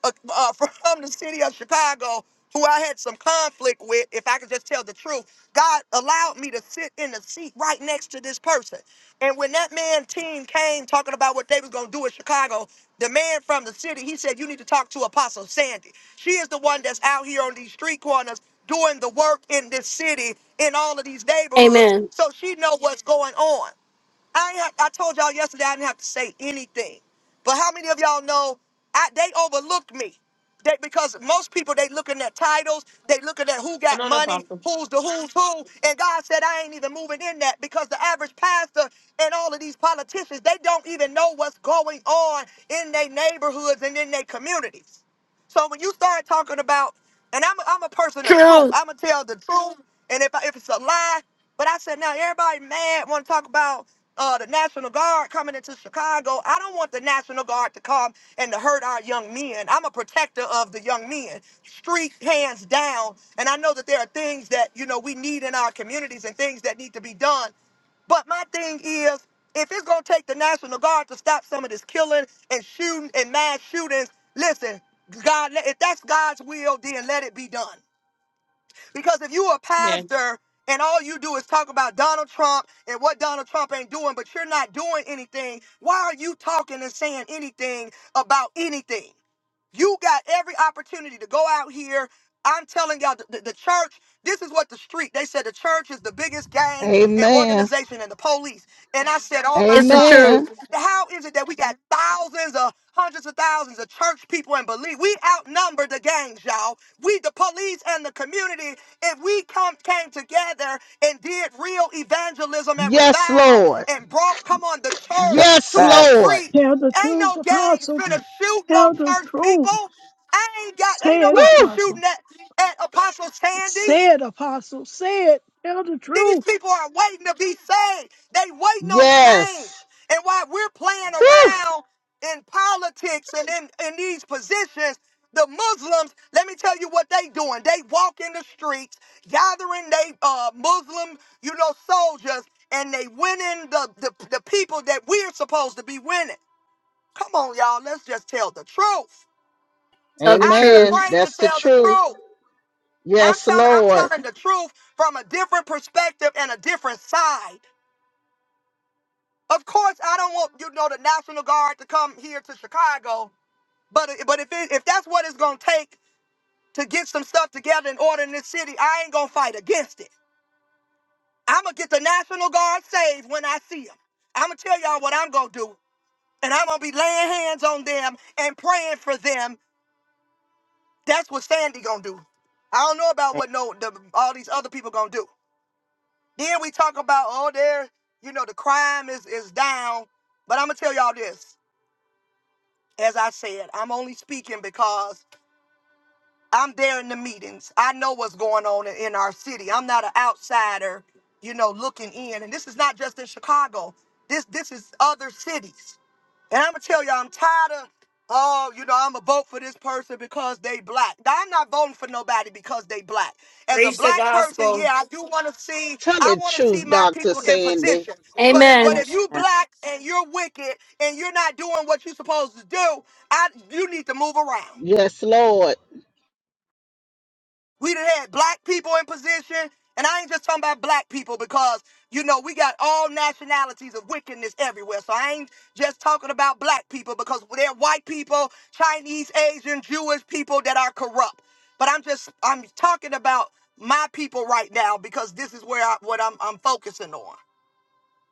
A: uh, *laughs* uh, from the city of Chicago who I had some conflict with, if I could just tell the truth, God allowed me to sit in the seat right next to this person. And when that man team came talking about what they was gonna do in Chicago, the man from the city, he said, You need to talk to Apostle Sandy. She is the one that's out here on these street corners doing the work in this city, in all of these neighborhoods.
H: Amen.
A: So she know what's going on. I ain't ha- I told y'all yesterday I didn't have to say anything. But how many of y'all know I, they overlooked me? They, because most people they looking at titles, they looking at who
G: Come
A: got
G: on,
A: money,
G: Apostle.
A: who's the who's who, and God said I ain't even moving in that because the average pastor and all of these politicians they don't even know what's going on in their neighborhoods and in their communities. So when you start talking about, and I'm I'm a person of truth.
H: Truth.
A: I'ma tell the truth, and if I, if it's a lie, but I said now everybody mad want to talk about uh, the National Guard coming into Chicago. I don't want the National Guard to come and to hurt our young men. I'm a protector of the young men, street hands down. And I know that there are things that you know we need in our communities and things that need to be done. But my thing is, if it's gonna take the National Guard to stop some of this killing and shooting and mass shootings, listen, God, let- if that's God's will, then let it be done. Because if you a
G: Amen.
A: pastor and all you do is talk about Donald Trump and what Donald Trump ain't doing, but you're not doing anything, why are you talking and saying anything about anything? You got every opportunity to go out here. I'm telling y'all, the, the, the church, this is what the street, they said the church is the biggest gang and
O: Amen.
A: organization and the police. And I said, oh my
H: It's the
A: God,
O: Amen.
A: it's,
H: truth.
A: how is it that we got thousands of, hundreds of thousands of church people and believe we outnumber the gangs, y'all. We, the police and the community, if we come came together and did real evangelism and
O: Yes,
A: revival
O: Lord.
A: and brought, come on, the church
K: That's
O: Yes,
A: to the
K: facts.
O: Lord.
A: street,
P: Tell the
A: Ain't
P: truth,
A: no gangs
P: apostle.
A: finna shoot no
P: Tell the
A: church
P: truth.
A: people. Ain't got ain't
P: Say it,
A: nobody
O: Woo!
P: apostle.
A: shooting at, at Apostle Sandy.
P: Say it, apostle. Say it. Tell the
A: These
P: truth.
A: people are waiting to be saved. They waiting on
O: Yes.
A: change. And while we're playing
O: Woo!
A: around in politics and in, in these positions, the Muslims, let me tell you what they doing. They walk in the streets, gathering they uh, Muslim, you know, soldiers, and they winning the, the the people that we're supposed to be winning. Come on, y'all. Let's just tell the truth. I ain't
O: Amen.
A: afraid to
O: That's the
A: tell the
O: truth.
A: truth. I'm
O: Yes,
A: telling I'm
O: Lord.
A: telling the truth from a different perspective and a different side. Of course, I don't want you know the National Guard to come here to Chicago, but but if it, if that's what it's gonna take to get some stuff together in order in this city, I ain't gonna fight against it. I'm gonna get the National Guard saved when I see them. I'm gonna tell y'all what I'm gonna do, and I'm gonna be laying hands on them and praying for them That's what Sandy gonna do. I don't know about what no the, all these other people gonna do. Then we talk about oh there, you know the crime is is down. But I'm gonna tell y'all this. As I said, I'm only speaking because I'm there in the meetings. I know what's going on in, in our city. I'm not an outsider, you know, looking in. And this is not just in Chicago. This this is other cities. And I'm gonna tell y'all, I'm tired of, oh, you know, I'm gonna vote for this person because they black. Now, I'm not voting for nobody because they black. As a
G: Preach the
A: black person,
G: gospel.
A: yeah, I do want to see,
O: Tell
A: I
O: the
A: want to see
O: truth,
A: my
O: Dr.
A: people in
O: Sandy.
A: position. But if, but
H: Amen.
K: Amen.
A: if you black and you're wicked and you're not doing what you're supposed to do, I, you need to move around.
O: Yes, Lord.
A: We done had black people in position, and I ain't just talking about black people because you know we got all nationalities of wickedness everywhere. So I ain't just talking about black people because they're white people, Chinese, Asian, Jewish people that are corrupt. But I'm just I'm talking about my people right now because this is where I, what I'm I'm focusing on.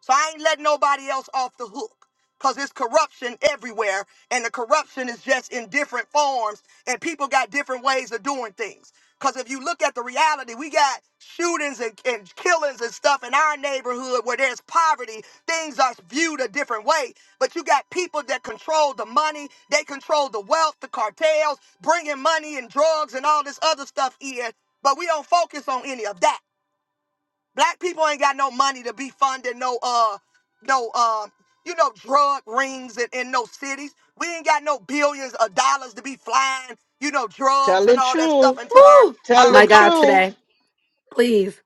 A: So I ain't letting nobody else off the hook because there's corruption everywhere and the corruption is just in different forms and people got different ways of doing things. Because if you look at the reality, we got shootings and, and killings and stuff in our neighborhood where there's poverty. Things are viewed a different way. But you got people that control the money, they control the wealth, the cartels, bringing money and drugs and all this other stuff in. But we don't focus on any of that. Black people ain't got no money to be funding no uh no um you know drug rings in, in no cities. We ain't got no billions of dollars to be flying, you know,
O: Tell
A: drugs
O: the
A: and all that stuff
O: truth.
A: into our
H: Woo.
O: Tell
A: our
H: My
O: the
H: God
A: countries.
O: truth.
H: today. Please.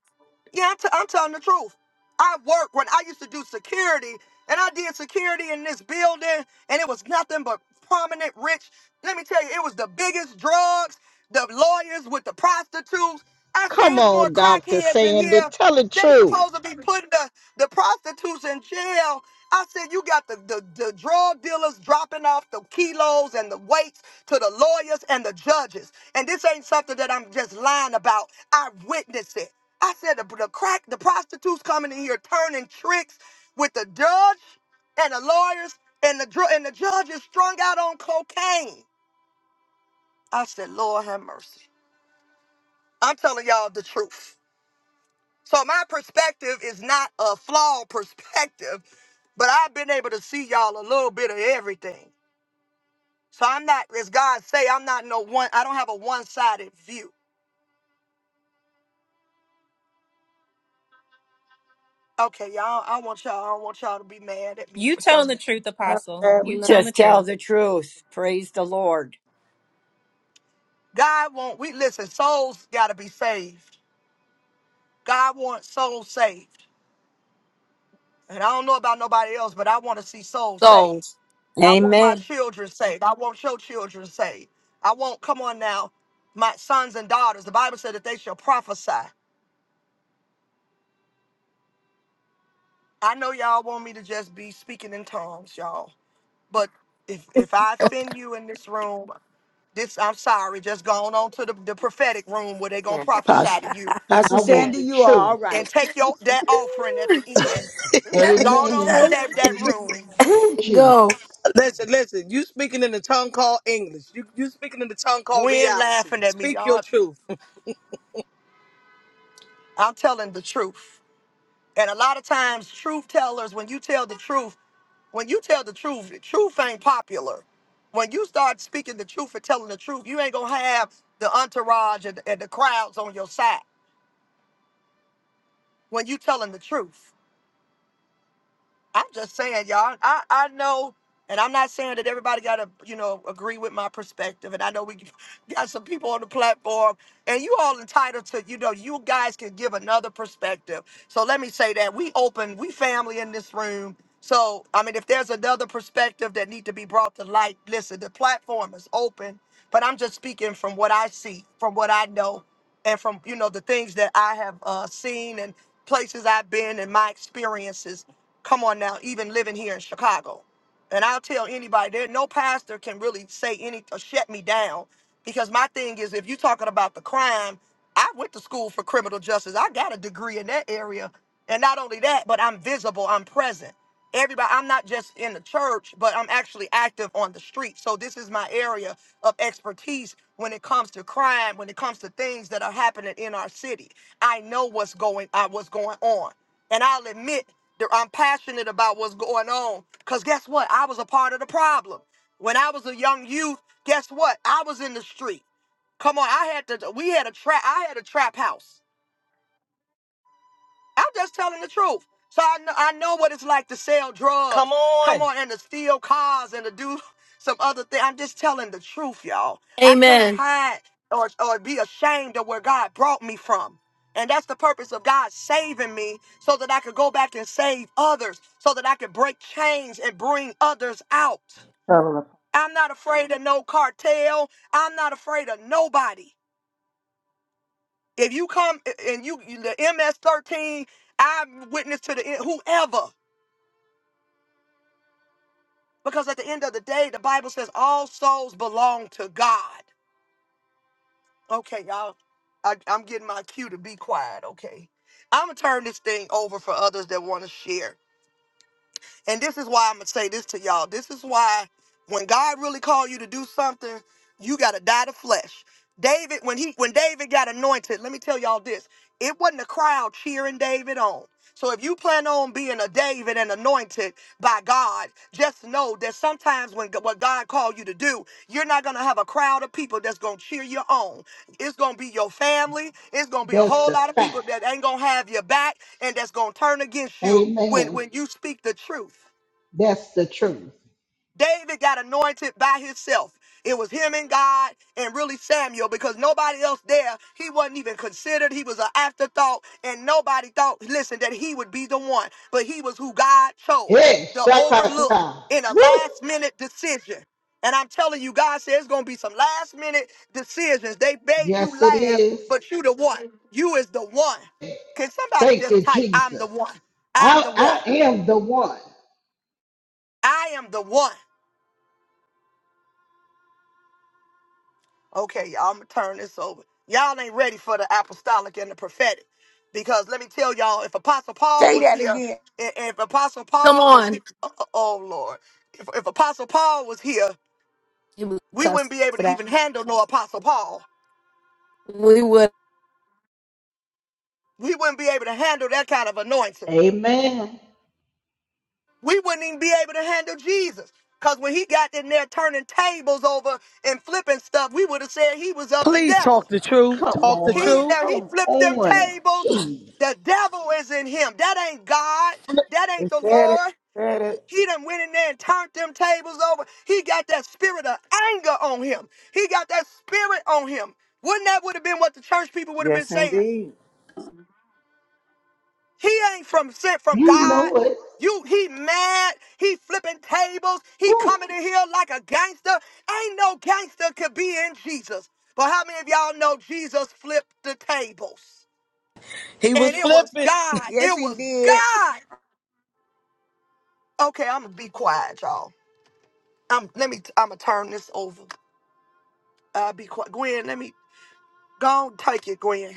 A: Yeah, I'm, t- I'm telling the truth. I worked when I used to do security, and I did security in this building, and it was nothing but prominent rich. Let me tell you, it was the biggest drugs, the lawyers with the prostitutes. I say
O: Come
A: it's more
O: on, Dr.
A: crackheads in
O: Sandy.
A: here.
O: Tell the
A: They
O: truth.
A: supposed to be putting the, the prostitutes in jail. I said you got the, the, the drug dealers dropping off the kilos and the weights to the lawyers and the judges. And this ain't something that I'm just lying about. I witnessed it. I said the, the crack, the prostitutes coming in here turning tricks with the judge and the lawyers and the dr- and the judge is strung out on cocaine. I said, Lord have mercy. I'm telling y'all the truth. So my perspective is not a flawed perspective, but I've been able to see y'all a little bit of everything. So I'm not, as God say, I'm not no one. I don't have a one-sided view. Okay, y'all. I want y'all. I don't want y'all to be mad at me
C: You
A: for
C: telling the
A: something.
C: truth,
K: How
C: Apostle.
K: bad we
C: You
K: not
C: telling the
D: Just tell
C: truth.
D: the truth. Praise the Lord.
A: God want we listen, souls gotta be saved. God wants souls saved. And I don't know about nobody else, but I want to see souls saved.
H: souls.
A: I want my
D: Amen.
A: children saved. I want your children saved. I want, come on now, my sons and daughters. The Bible said that they shall prophesy. I know y'all want me to just be speaking in tongues, y'all. But if if I offend you in this room, this I'm sorry, just going on to the, the prophetic room where they gonna prophesy
M: Pastor,
A: to you.
M: Pastor
O: I
A: And then
O: want
M: Sandy,
O: the
M: you are all
O: truth.
A: and
M: right.
A: take your that offering at the end Gone on to
O: Amen.
H: Let's
A: that, that room.
O: Through
H: go.
O: Jesus.
Q: Listen, listen. You speaking in the tongue called English. You you speaking in the tongue called
A: Gwen
Q: reality.
A: laughing at me,
Q: Speak your
A: y'all.
Q: truth.
A: I'm telling the truth. And a lot of times, truth tellers, when you tell the truth, when you tell the truth, the truth ain't popular. When you start speaking the truth and telling the truth, you ain't gonna have the entourage and, and the crowds on your side when you telling the truth. I'm just saying, y'all. I, I know, and I'm not saying that everybody gotta, you know, agree with my perspective. And I know we *laughs* got some people on the platform, and you all entitled to, you know, you guys can give another perspective. So let me say that we open, we family in this room. So I mean, if there's another perspective that need to be brought to light, listen, the platform is open. But I'm just speaking from what I see, from what I know, and from you know the things that I have uh, seen and places I've been and my experiences. Come on now, even living here in Chicago. And I'll tell anybody, there no pastor can really say any or shut me down because my thing is if you're talking about the crime, I went to school for criminal justice. I got a degree in that area. And not only that, but I'm visible, I'm present. Everybody, I'm not just in the church, but I'm actually active on the street. So this is my area of expertise when it comes to crime, when it comes to things that are happening in our city. I know what's going uh, what's going on and I'll admit that I'm passionate about what's going on. Because guess what? I was a part of the problem. When I was a young youth, guess what? I was in the street. Come on, I had to, we had a trap, I had a trap house. I'm just telling the truth. So I know, I know what it's like to sell
Q: Come
A: drugs. Come
Q: on.
A: on, and to steal cars and to do *laughs* some other thing. I'm just telling the truth, y'all. I can't
H: Amen.
A: hide or, or be ashamed of where God brought me from. And that's the purpose of God saving me so that I could go back and save others, so that I could break chains and bring others out.
K: cover up.
A: I'm not afraid of no cartel. I'm not afraid of nobody. If you come and you you- the MS13, I'm witness to the end, whoever, because at the end of the day, the Bible says all souls belong to God. Okay, y'all, I, I'm getting my cue to be quiet. Okay, I'm gonna turn this thing over for others that want to share. And this is why I'm gonna say this to y'all. This is why when God really called you to do something, you gotta die to flesh. David, when he when David got anointed, let me tell y'all this. It wasn't a crowd cheering David on. So if you plan on being a David and anointed by God, just know that sometimes when what God called you to do, you're not gonna have a crowd of people that's gonna cheer you on. It's gonna be your family. It's gonna be a
O: That's
A: whole
O: the
A: lot of
O: fact.
A: people that ain't gonna have your back and that's going to turn against you when
O: Amen.
A: when you speak the truth.
O: That's the truth.
A: David got anointed by himself. It was him and God and really Samuel because nobody else there, he wasn't even considered. He was an afterthought and nobody thought, listen, that he would be the one. But he was who God chose,
O: Hey,
A: the overlook
O: shakata.
A: in a
O: Woo.
A: last minute decision. And I'm telling you, God says it's going to be some last minute decisions. They made you
O: Yes, it
A: last,
O: is.
A: but you the one. You is the one. Can somebody
O: Thank you,
A: just type, I'm the
O: Jesus.
A: one. I'm the one.
O: I, I am the one.
A: I am the one. Okay, y'all, I'm gonna turn this over. Y'all ain't ready for the apostolic and the prophetic, because let me tell y'all, if Apostle Paul
M: Say
A: was
M: that
A: here,
M: again.
A: and and if Apostle
H: Come
A: Paul was here,
H: on.
A: oh, oh, oh, Lord, if, if Apostle Paul was here,
H: He would
A: we wouldn't
H: cuss
A: be able
H: for
A: to
H: that.
A: even handle no Apostle Paul.
H: We would.
A: We wouldn't be able to handle that kind of anointing.
O: Amen.
A: We wouldn't even be able to handle Jesus, because when he got in there turning tables over and flipping stuff, we would have said he was of the
Q: Please talk
A: devil.
Q: the truth.
O: Come
Q: Talk the
A: He
O: on.
Q: truth.
A: now he
O: Come
A: flipped them
O: on.
A: tables.
O: Jesus.
A: The devil is in him. That ain't God. That ain't
K: They
A: the
K: said it.
A: Lord.
K: Said it.
A: He done went in there and turned them tables over. He got that spirit of anger on him. He got that spirit on him. Wouldn't that would have been what the church people would have been
K: Yes,
A: saying?
K: indeed.
A: He ain't from sent from
O: You
A: God.
O: know it.
A: You he mad. He flipping tables. He
O: Woo.
A: coming in here like a gangster. Ain't no gangster could be in Jesus. But how many of y'all know Jesus flipped the tables?
Q: He was
A: and it was
Q: flipping.
A: God.
M: Yes,
A: It
M: he
A: was
M: did.
A: God. Okay, I'm gonna be quiet, y'all. I'm let me. I'm gonna turn this over. I'll be quiet. Gwen, let me go on, take it, Gwen.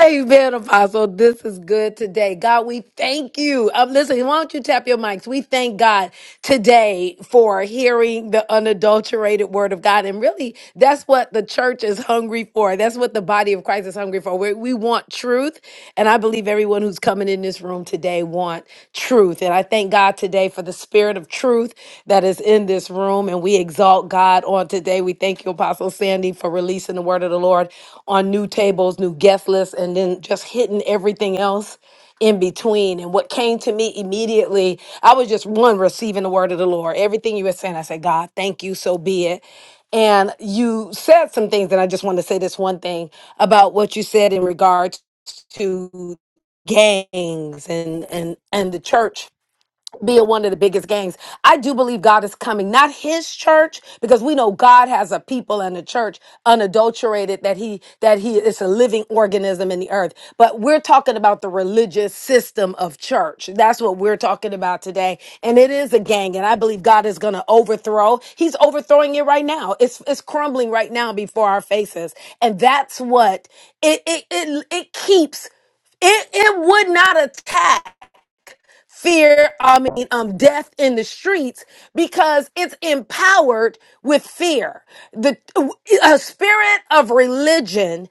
H: Amen, Apostle. This is good today. God, we thank you. Um, listen, why don't you tap your mics? We thank God today for hearing the unadulterated word of God. And really, that's what the church is hungry for. That's what the body of Christ is hungry for. We, we want truth. And I believe everyone who's coming in this room today want truth. And I thank God today for the spirit of truth that is in this room. And we exalt God on today. We thank you, Apostle Sandy, for releasing the word of the Lord on new tables, new guest lists, and then just hitting everything else in between. And what came to me immediately, I was just one receiving the word of the Lord. Everything you were saying, I said, God, thank you, so be it. And you said some things, and I just want to say this one thing about what you said in regards to gangs and and and the church being one of the biggest gangs. I do believe God is coming, not his church, because we know God has a people and a church unadulterated that he that he is a living organism in the earth. But we're talking about the religious system of church. That's what we're talking about today. And it is a gang, and I believe God is gonna overthrow. He's overthrowing it right now. It's it's crumbling right now before our faces. And that's what it it it, it keeps it, it would not attack fear, I mean, um, death in the streets because it's empowered with fear. The a spirit of religion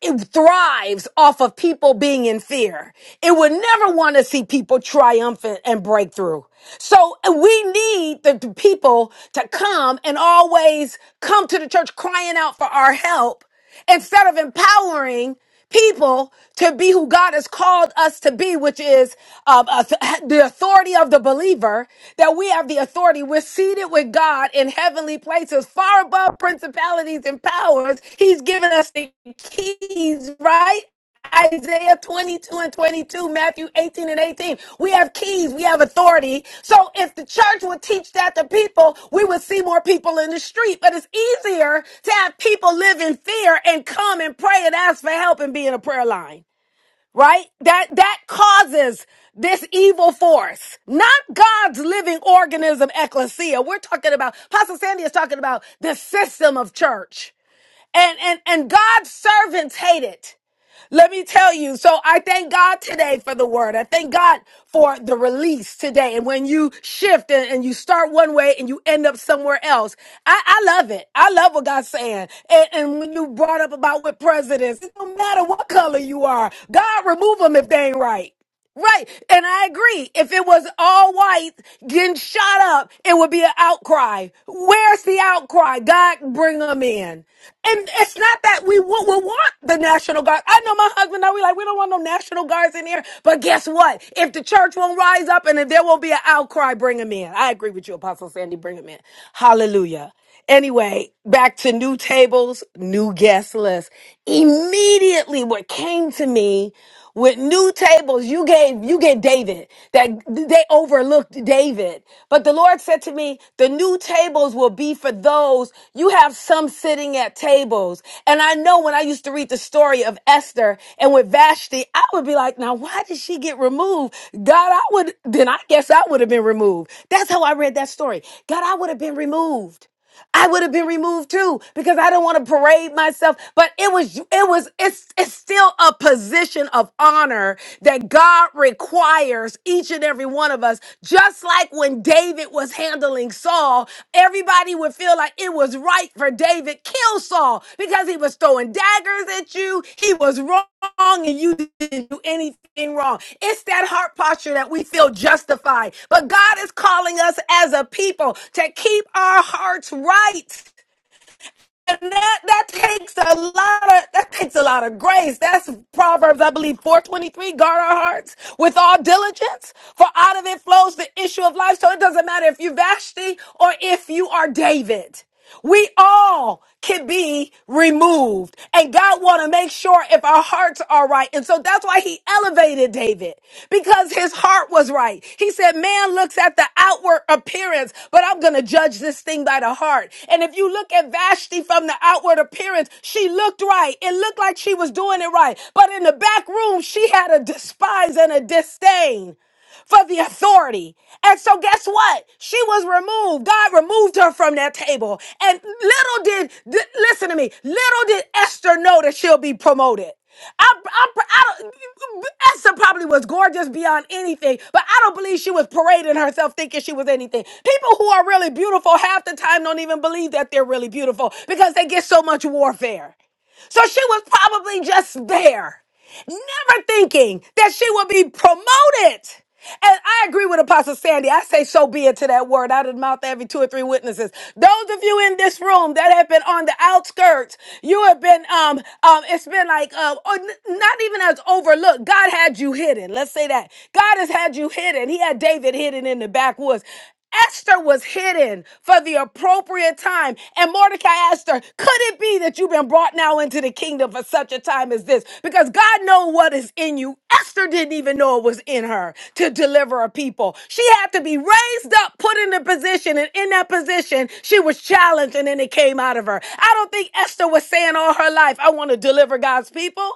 H: it thrives off of people being in fear. It would never want to see people triumphant and breakthrough. So we need the, the people to come and always come to the church crying out for our help instead of empowering people to be who God has called us to be, which is um, uh, the *laughs* authority of the believer, that we have the authority. We're seated with God in heavenly places, far above principalities and powers. He's given us the keys, right? Isaiah 22 and 22, Matthew 18 and 18. We have keys, we have authority. So if the church would teach that to people, we would see more people in the street. But it's easier to have people live in fear and come and pray and ask for help and be in a prayer line, right? That, that causes this evil force, not God's living organism, ecclesia. We're talking about, Pastor Sandy is talking about the system of church. And and and God's servants hate it. Let me tell you. So I thank God today for the word. I thank God for the release today. And when you shift and, and you start one way and you end up somewhere else, I, I love it. I love what God's saying. And, and when you brought up about with presidents, it don't matter what color you are. God remove them if they ain't right. Right. And I agree. If it was all white getting shot up, it would be an outcry. Where's the outcry? God, bring them in. And it's not that we w- we want the National Guard. I know my husband and I, we like, we don't want no National Guards in here. But guess what? If the church won't rise up and if there won't be an outcry, bring them in. I agree with you, Apostle Sandy. Bring them in. Hallelujah. Anyway, back to new tables, new guest list. Immediately what came to me with new tables, you gave, you get David that they overlooked David. But the Lord said to me, the new tables will be for those you have some sitting at tables. And I know when I used to read the story of Esther and with Vashti, I would be like, now why did she get removed? God, I would, then I guess I would have been removed. That's how I read that story. God, I would have been removed. I would have been removed too because I don't want to parade myself. But it was, it was, it's, it's still a position of honor that God requires each and every one of us. Just like when David was handling Saul, everybody would feel like it was right for David kill Saul because he was throwing daggers at you. He was wrong wrong and you didn't do anything wrong. It's that heart posture that we feel justified. But God is calling us as a people to keep our hearts right. And that, that takes a lot of that takes a lot of grace. That's Proverbs, I believe, 423. Guard our hearts with all diligence, for out of it flows the issue of life. So it doesn't matter if you're Vashti or if you are David. We all can be removed. And God want to make sure if our heart hearts are right. And so that's why he elevated David because his heart was right. He said, man looks at the outward appearance, but I'm going to judge this thing by the heart. And if you look at Vashti from the outward appearance, she looked right. It looked like she was doing it right. But in the back room, she had a despise and a disdain for the authority. And so, guess what? She was removed. God removed her from that table. And little did, d- listen to me, little did Esther know that she'll be promoted. I, I, I don't, Esther probably was gorgeous beyond anything, but I don't believe she was parading herself thinking she was anything. People who are really beautiful half the time don't even believe that they're really beautiful because they get so much warfare. So she was probably just there, never thinking that she would be promoted. And I agree with Apostle Sandy. I say so be it to that word out of the mouth of every two or three witnesses. Those of you in this room that have been on the outskirts, you have been um um it's been like uh oh, n- not even as overlooked. God had you hidden. Let's say that. God has had you hidden. He had David hidden in the backwoods. Esther was hidden for the appropriate time. And Mordecai asked her, Could it be that you've been brought now into the kingdom for such a time as this? Because God knows what is in you. Esther didn't even know it was in her to deliver a people. She had to be raised up, put in a position, and in that position, she was challenged and then it came out of her. I don't think Esther was saying all her life, I want to deliver God's people.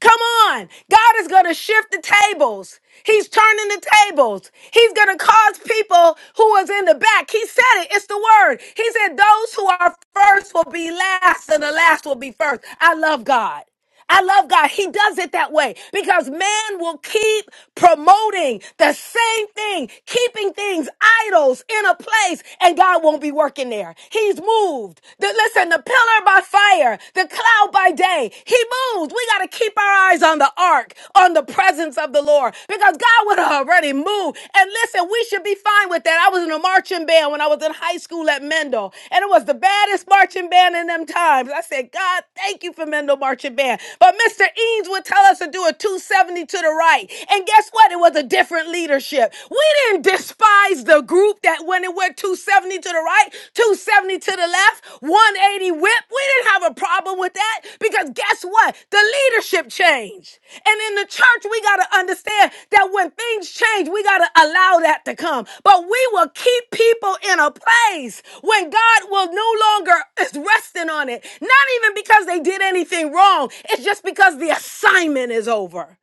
H: Come on. God is going to shift the tables. He's turning the tables. He's going to cause people who was in the back. He said it. It's the word. He said, Those who are first will be last, and the last will be first. I love God. I love God. He does it that way because man will keep promoting the same thing, keeping things idols in a place, and God won't be working there. He's moved. The, listen, the pillar by fire, the cloud by day, he moves. We got to keep our eyes on the ark, on the presence of the Lord, because God would have already moved. And listen, we should be fine with that. I was in a marching band when I was in high school at Mendel, and it was the baddest marching band in them times. I said, God, thank you for Mendel Marching Band. But Mr. Eames would tell us to do a 270 to the right. And guess what? It was a different leadership. We didn't despise eyes, the group that went and went 270 to the right, 270 to the left, 180 whip. We didn't have a problem with that because guess what? The leadership changed. And in the church, we got to understand that when things change, we got to allow that to come. But we will keep people in a place when God will no longer *laughs* is resting on it. Not even because they did anything wrong, it's just because the assignment is over.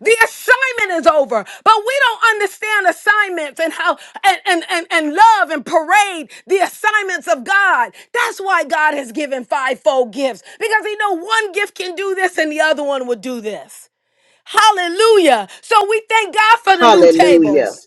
H: The assignment is over, but we don't understand assignments and how and, and, and, and love and parade the assignments of God. That's why God has given fivefold gifts because He know one gift can do this and the other one will do this. Hallelujah! So we thank God for the new
O: Hallelujah.
H: tables.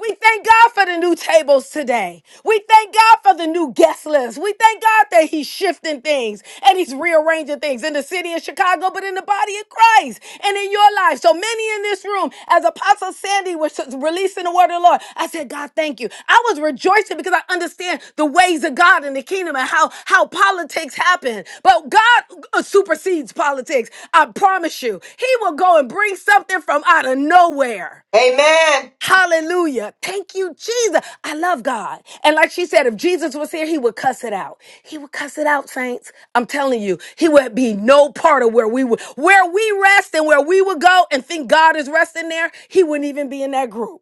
H: We thank God for the new tables today. We thank God for the new guest list. We thank God that He's shifting things and He's rearranging things in the city of Chicago, but in the body of Christ and in your life. So many in this room, as Apostle Sandy was releasing the word of the Lord, I said, God, thank you. I was rejoicing because I understand the ways of God in the kingdom and how, how politics happen. But God uh, supersedes politics. I promise you, He will go and bring something from out of nowhere.
G: Amen.
H: Hallelujah. Thank you, Jesus. I love God. And like she said, if Jesus was here, he would cuss it out. He would cuss it out, saints. I'm telling you, he would be no part of where we would, where we rest and where we would go and think God is resting there. He wouldn't even be in that group.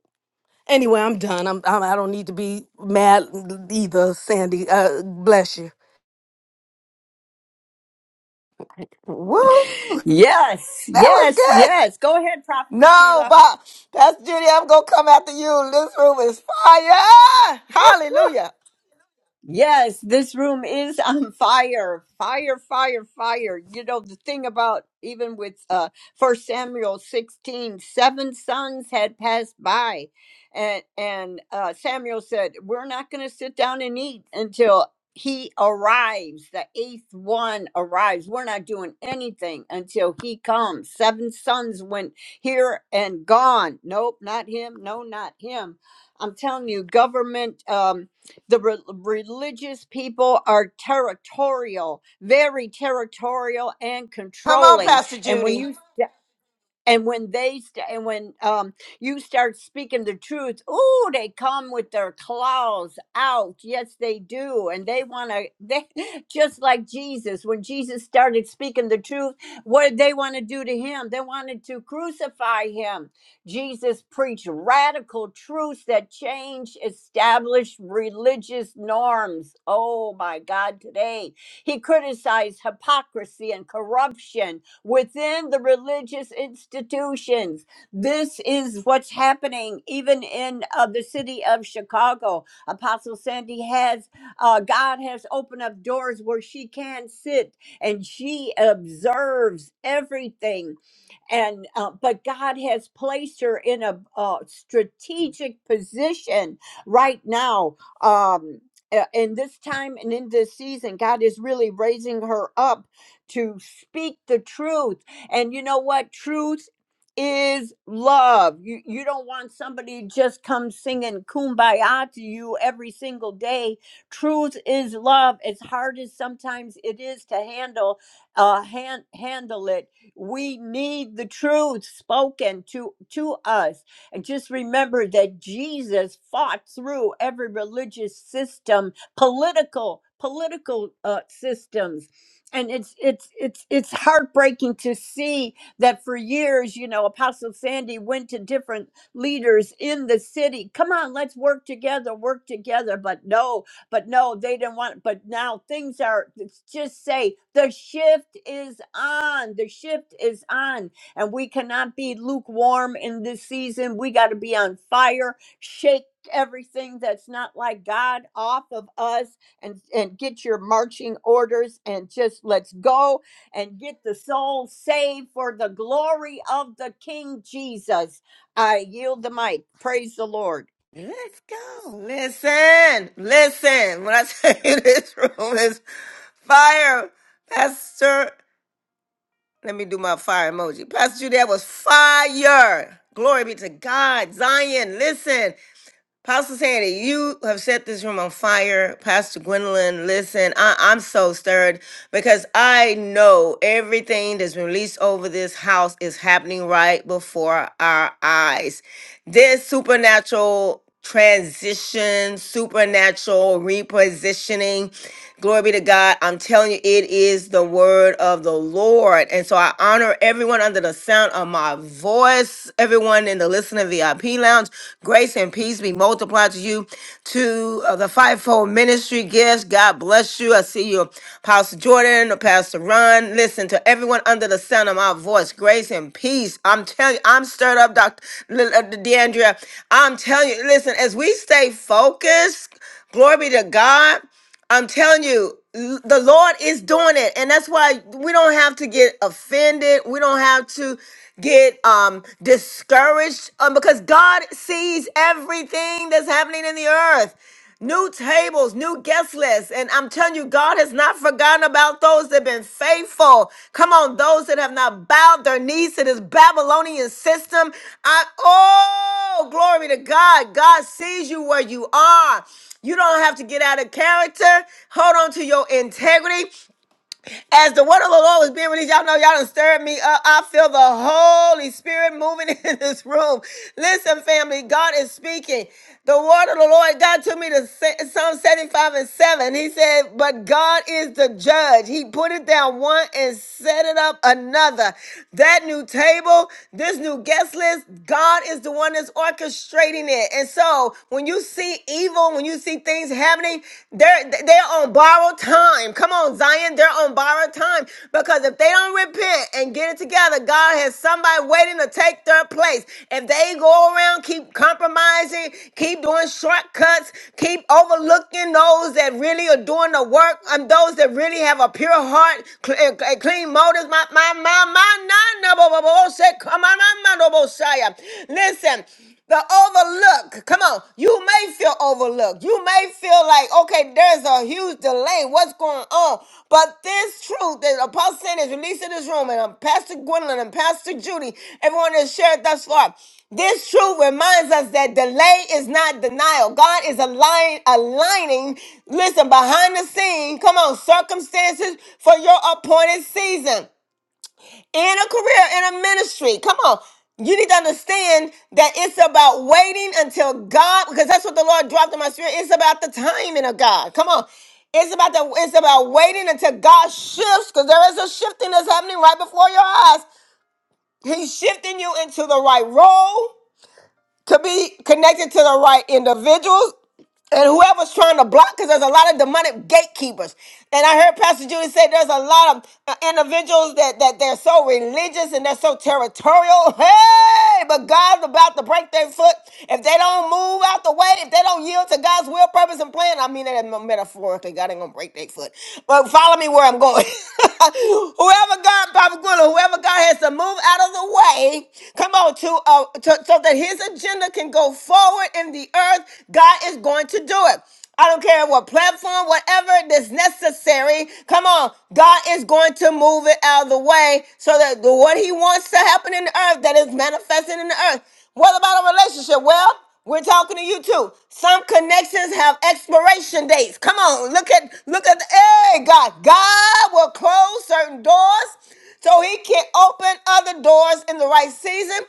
H: Anyway, I'm done. I'm, I'm I don't need to be mad either, Sandy. Uh, bless you.
G: Woo!
D: Yes,
G: That was
D: yes,
G: good.
D: yes. Go ahead, Prophet
G: No,
D: Sheila.
G: but Pastor Judy, I'm gonna come after you. This room is fire. Hallelujah.
D: Yes, this room is *laughs* on fire. Fire, fire, fire. You know, the thing about even with uh first Samuel sixteen seven sons had passed by. And and uh Samuel said, We're not gonna sit down and eat until he arrives, the eighth one arrives. We're not doing anything until he comes. Seven sons went here and gone. Nope, not him. No, not him. I'm telling you, government. Um, the re- religious people are territorial, very territorial and
G: Come on,
D: controlling.
G: Pastor
D: And when
G: Judy.
D: you and when they st- and when um you start speaking the truth oh they come with their claws out yes they do and they want to they *laughs* just like jesus when jesus started speaking the truth what did they want to do to him they wanted to crucify him jesus preached radical truths that change established religious norms oh my god today he criticized hypocrisy and corruption within the religious institutions. This is what's happening even in uh, the city of Chicago. Apostle Sandy has, uh, God has opened up doors where she can sit and she observes everything and uh, but God has placed her in a, uh strategic position right now. Um, uh, in this time and in this season, God is really raising her up to speak the truth. And you know what? Truth is love. You you don't want somebody to just come singing kumbaya to you every single day. Truth is love. As hard as sometimes it is to handle, uh, hand, handle it we need the truth spoken to, to us. And just remember that Jesus fought through every religious system, political, political uh, systems. And it's it's it's it's heartbreaking to see that for years, you know, Apostle Sandy went to different leaders in the city. Come on, let's work together, work together. But no, but no, they didn't want. But now things are. It's just say the shift is on. The shift is on, and we cannot be lukewarm in this season. We got to be on fire. Shake everything that's not like God off of us, and and get your marching orders, and just let's go and get the soul saved for the glory of the King Jesus. I yield the mic. Praise the Lord.
G: Let's go. Listen, listen. When I say *laughs* this room is fire, Pastor, let me do my fire emoji. Pastor Judy, that was fire. Glory be to God. Zion, listen. Pastor Sandy, you have set this room on fire. Pastor Gwendolyn, listen, I, I'm so stirred because I know everything that's been released over this house is happening right before our eyes. This supernatural transition, supernatural repositioning. Glory be to God. I'm telling you, it is the word of the Lord. And so I honor everyone under the sound of my voice, everyone in the listening VIP lounge. Grace and peace be multiplied to you, to uh, the fivefold ministry gifts. God bless you. I see you, Pastor Jordan, Pastor Ron. Listen to everyone under the sound of my voice. Grace and peace. I'm telling you, I'm stirred up, Dr. L- uh, DeAndrea. I'm telling you, listen, as we stay focused, glory be to God. I'm telling you, l- the Lord is doing it, and that's why we don't have to get offended. We don't have to get um discouraged um, because God sees everything that's happening in the earth. New tables, new guest lists, and I'm telling you, God. God has not forgotten about those that have been faithful. Come on, those that have not bowed their knees to this Babylonian system. I, oh, glory to God. God sees you where you are. You don't have to get out of character. Hold on to your integrity. As the word of the Lord was being released, y'all know y'all done stirred me up. I feel the Holy Spirit moving *laughs* in this room. Listen, family, God is speaking. The word of the Lord, God took me to Se- Psalm 75 and 7. He said, But God is the judge. He put it down one and set it up another. That new table, this new guest list, God is the one that's orchestrating it. And so when you see evil, when you see things." Things happening, they're they're on borrowed time. Come on, Zion, they're on borrowed time because if they don't repent and get it together, God has somebody waiting to take their place. If they go around, keep compromising, keep doing shortcuts, keep overlooking those that really are doing the work and those that really have a pure heart and clean motives. My my my my my number, oh say, come on, my man, oh Messiah, listen. The overlook. Come on. You may feel overlooked. You may feel like, okay, there's a huge delay. What's going on? But this truth that Apostle Sandy is released in this room, and um, Pastor Gwendolyn and Pastor Judy, everyone has shared thus far. This truth reminds us that delay is not denial. God is align, aligning, listen, behind the scene, come on, circumstances for your appointed season in a career, in a ministry. Come on. You need to understand that it's about waiting until God, because that's what the Lord dropped in my spirit. It's about the timing of God. Come on. It's about the it's about waiting until God shifts, because there is a shifting that's happening right before your eyes. He's shifting you into the right role to be connected to the right individuals and whoever's trying to block, because there's a lot of demonic gatekeepers. And I heard Pastor Judy say there's a lot of uh, individuals that, that they're so religious and they're so territorial. *laughs* Hey, but God's about to break their foot. If they don't move out the way, if they don't yield to God's will, purpose, and plan, I mean that metaphorically, God ain't going to break their foot. But follow me where I'm going. *laughs* whoever God, Papa Gwilla, whoever God has to move out of the way, come on, to, uh, to so that his agenda can go forward in the earth, God is going to do it. I don't care what platform, whatever is necessary. Come on, God is going to move it out of the way so that the, what He wants to happen in the earth that is manifesting in the earth. What about a relationship? Well, we're talking to you too. Some connections have expiration dates. Come on, look at look at the hey God. God will close certain doors so he can open other doors in the right season.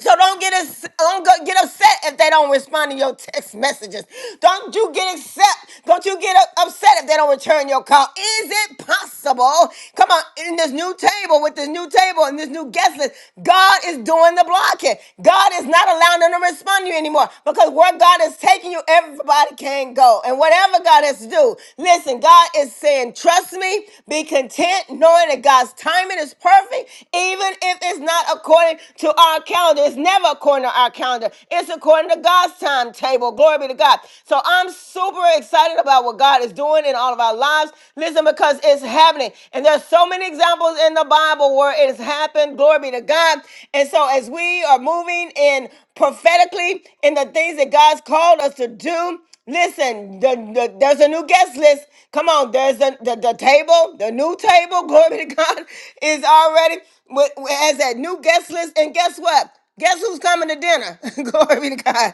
G: So don't get us don't go- get upset if they don't respond to your text messages. Don't you get upset? Don't you get u- upset if they don't return your call? Is it possible? Come on, in this new table with this new table and this new guest list, God is doing the blocking. God is not allowing them to respond to you anymore because where God is taking you, everybody can go. And whatever God has to do, listen, God is saying, trust me, be content, knowing that God's timing is perfect, even if it's not not according to our calendar. It's never according to our calendar. It's according to God's timetable. Glory be to God. So I'm super excited about what God is doing in all of our lives. Listen, because it's happening. And there's so many examples in the Bible where it has happened. Glory be to God. And so as we are moving in prophetically in the things that God's called us to do, Listen, the, the, there's a new guest list. Come on, there's a, the, the table, the new table, *laughs* glory to God, is already with, has that new guest list. And guess what? Guess who's coming to dinner? *laughs* glory to God.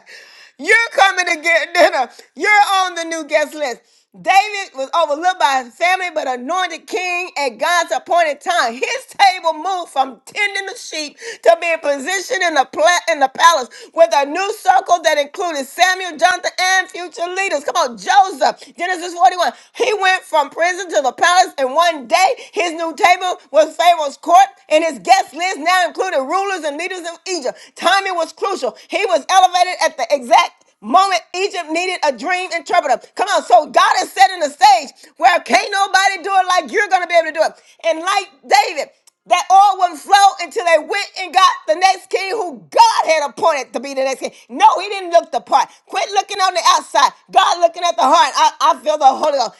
G: You're coming to get dinner. You're on the new guest list. David was overlooked by his family, but anointed king at God's appointed time. His table moved from tending the sheep to being positioned in the pla- in the palace with a new circle that included Samuel, Jonathan, and future leaders. Come on, Joseph, Genesis 41. He went from prison to the palace in one day. His new table was Pharaoh's court, and his guest list now included rulers and leaders of Egypt. Timing was crucial. He was elevated at the exact moment Egypt needed a dream interpreter. Come on. So God is setting the stage where can't nobody do it like you're going to be able to do it. And like David, that oil wouldn't flow until they went and got the next king who God had appointed to be the next king. No, he didn't look the part. Quit looking on the outside. God looking at the heart. I, I feel the Holy Ghost.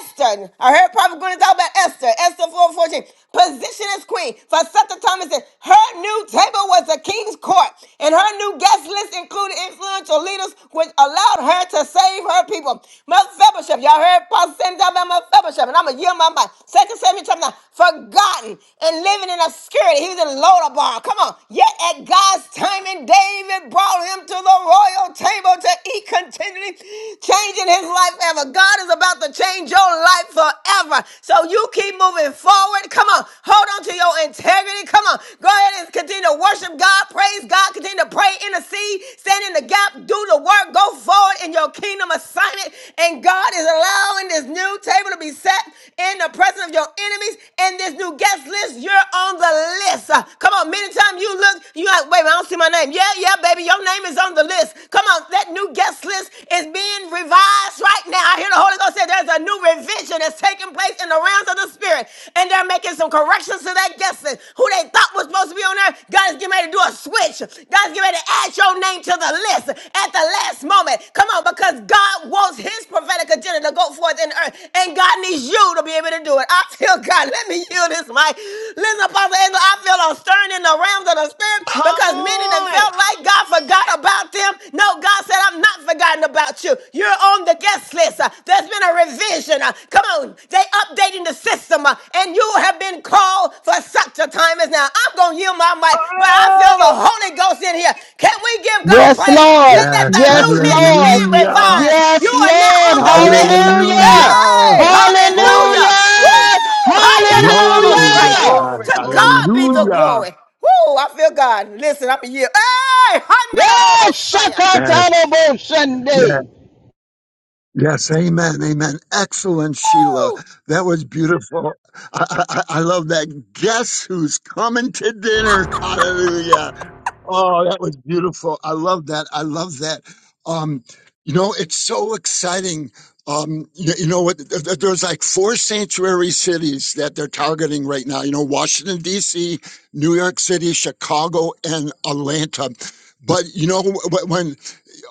G: Esther, I heard Prophet Gwyneth talk about Esther, Esther 414, position as queen. For such a time as this, her new table was a king's court, and her new guest list included including influential leaders, which allowed her to save her people. Mephibosheth, y'all heard Pastor Sandy talk about Mephibosheth, and I'm going to yield my mind. Second Samuel chapter 9, forgotten and living in obscurity. He was in Lodabar. Come on. Yet at God's timing, David brought him to the royal table to eat continually, changing his life forever. God is about to change your life forever. So you keep moving forward. Come on. Hold on to your integrity. Come on. Go ahead that is continue to worship God, praise God, continue to pray, intercede, stand in the gap, do the work, go forward in your kingdom assignment. And God is allowing this new table to be set in the presence of your enemies. And this new guest list, you're on the list. Uh, Come on, many times you look, you like, wait, I don't see my name. Yeah, yeah, baby, your name is on the list. Come on, that new guest list is being revised right now. I hear the Holy Ghost say there's a new revision that's taking place in the realms of the spirit spirit and they're making some corrections to that guest list. Who they thought was supposed to be on there, God is getting ready to do a switch. God is getting ready to add your name to the list at the last moment. Come on, because God wants his prophetic agenda to go forth in the earth and God needs you to be able to do it. I feel God. Let me yield this mic. Listen, Apostle Angela. I feel a stirring in the realms of the spirit
Q: Come
G: because many that
Q: on.
G: felt like God forgot about them. No, God said, I'm not forgotten about you. You're on the guest list. There's been a revision. Uh, Come on, they updating the system, uh, and you have been called for such a time as now. I'm gonna yield my mic, but I feel the Holy Ghost in here. Can we give God
O: Yes,
G: praise
O: Lord.
G: and that
B: Yes,
G: the new
O: Yes,
G: list is
O: Lord.
G: being
B: hallelujah,
G: revised? You
O: Yes,
G: are now
O: Lord.
G: on the list.
K: Hallelujah.
O: Hallelujah.
G: Hey,
B: hallelujah.
G: hallelujah!
K: Glory, glory.
O: Hallelujah.
G: Woo!
B: Glory
K: Glory,
B: to
G: Hallelujah!
O: Hallelujah.
B: God,
K: glory,
G: To
K: glory,
G: God be the
K: glory.
B: hallelujah.
G: glory. Woo! I feel God. Listen, I'm a year. Hey,
O: Yes,
G: hallelujah!
B: Yes,
O: Shakatana Sunday.
B: yes, yes, amen, amen. Excellent, Sheila. That was beautiful. I, I, I I love that. Guess who's coming to dinner? Hallelujah. Oh, that was beautiful. I love that. I love that. Um, you know, it's so exciting. Um, you, you know what? th- th- There's like four sanctuary cities that they're targeting right now. You know, Washington, D.C., New York City, Chicago, and Atlanta. But you know, wh- wh- when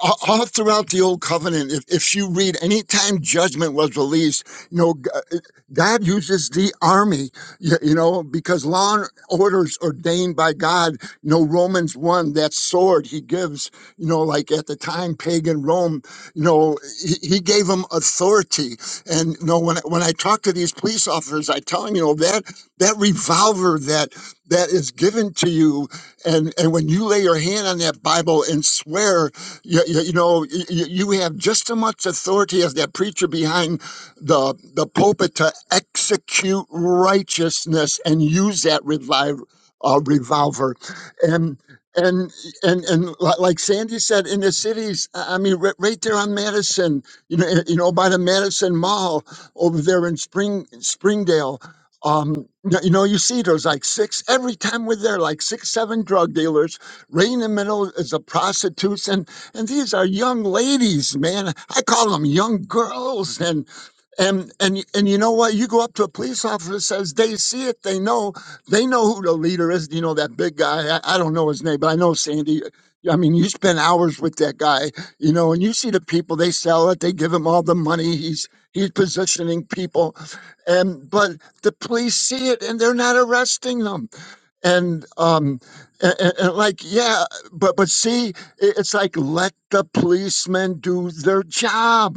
B: all throughout the old covenant if, if you read anytime judgment was released you know G- uh, god uses the army you, you know because law and orders ordained by god you know romans 1 that sword he gives you know like at the time pagan rome you know he, he gave them authority and you know when, I- when i talk to these police officers i tell them you know that that revolver that that is given to you and and when you lay your hand on that bible and swear you, you, you know, you, you have just as much authority as that preacher behind the, the pulpit to execute righteousness and use that revive, uh, revolver. And and and and li- like Sandy said, in the cities, I I mean, right, right there on Madison, you know, you know, by the Madison Mall over there in Spring Springdale. Um, n- you know, you see there's like six every time we're there, like six, seven drug dealers. Right in the middle is the prostitutes, and and these are young ladies, man. I call them young girls. And and and and you know what? You go up to a police officer that says they see it, they know, they know who the leader is. You know that big guy. I, I don't know his name, but I know Sandy. I mean, you spend hours with that guy, you know, and you see the people. They sell it. They give him all the money. He's he's positioning people, and but the police see it, and they're not arresting them and um and, and like yeah but but see i- it's like let the policemen do their job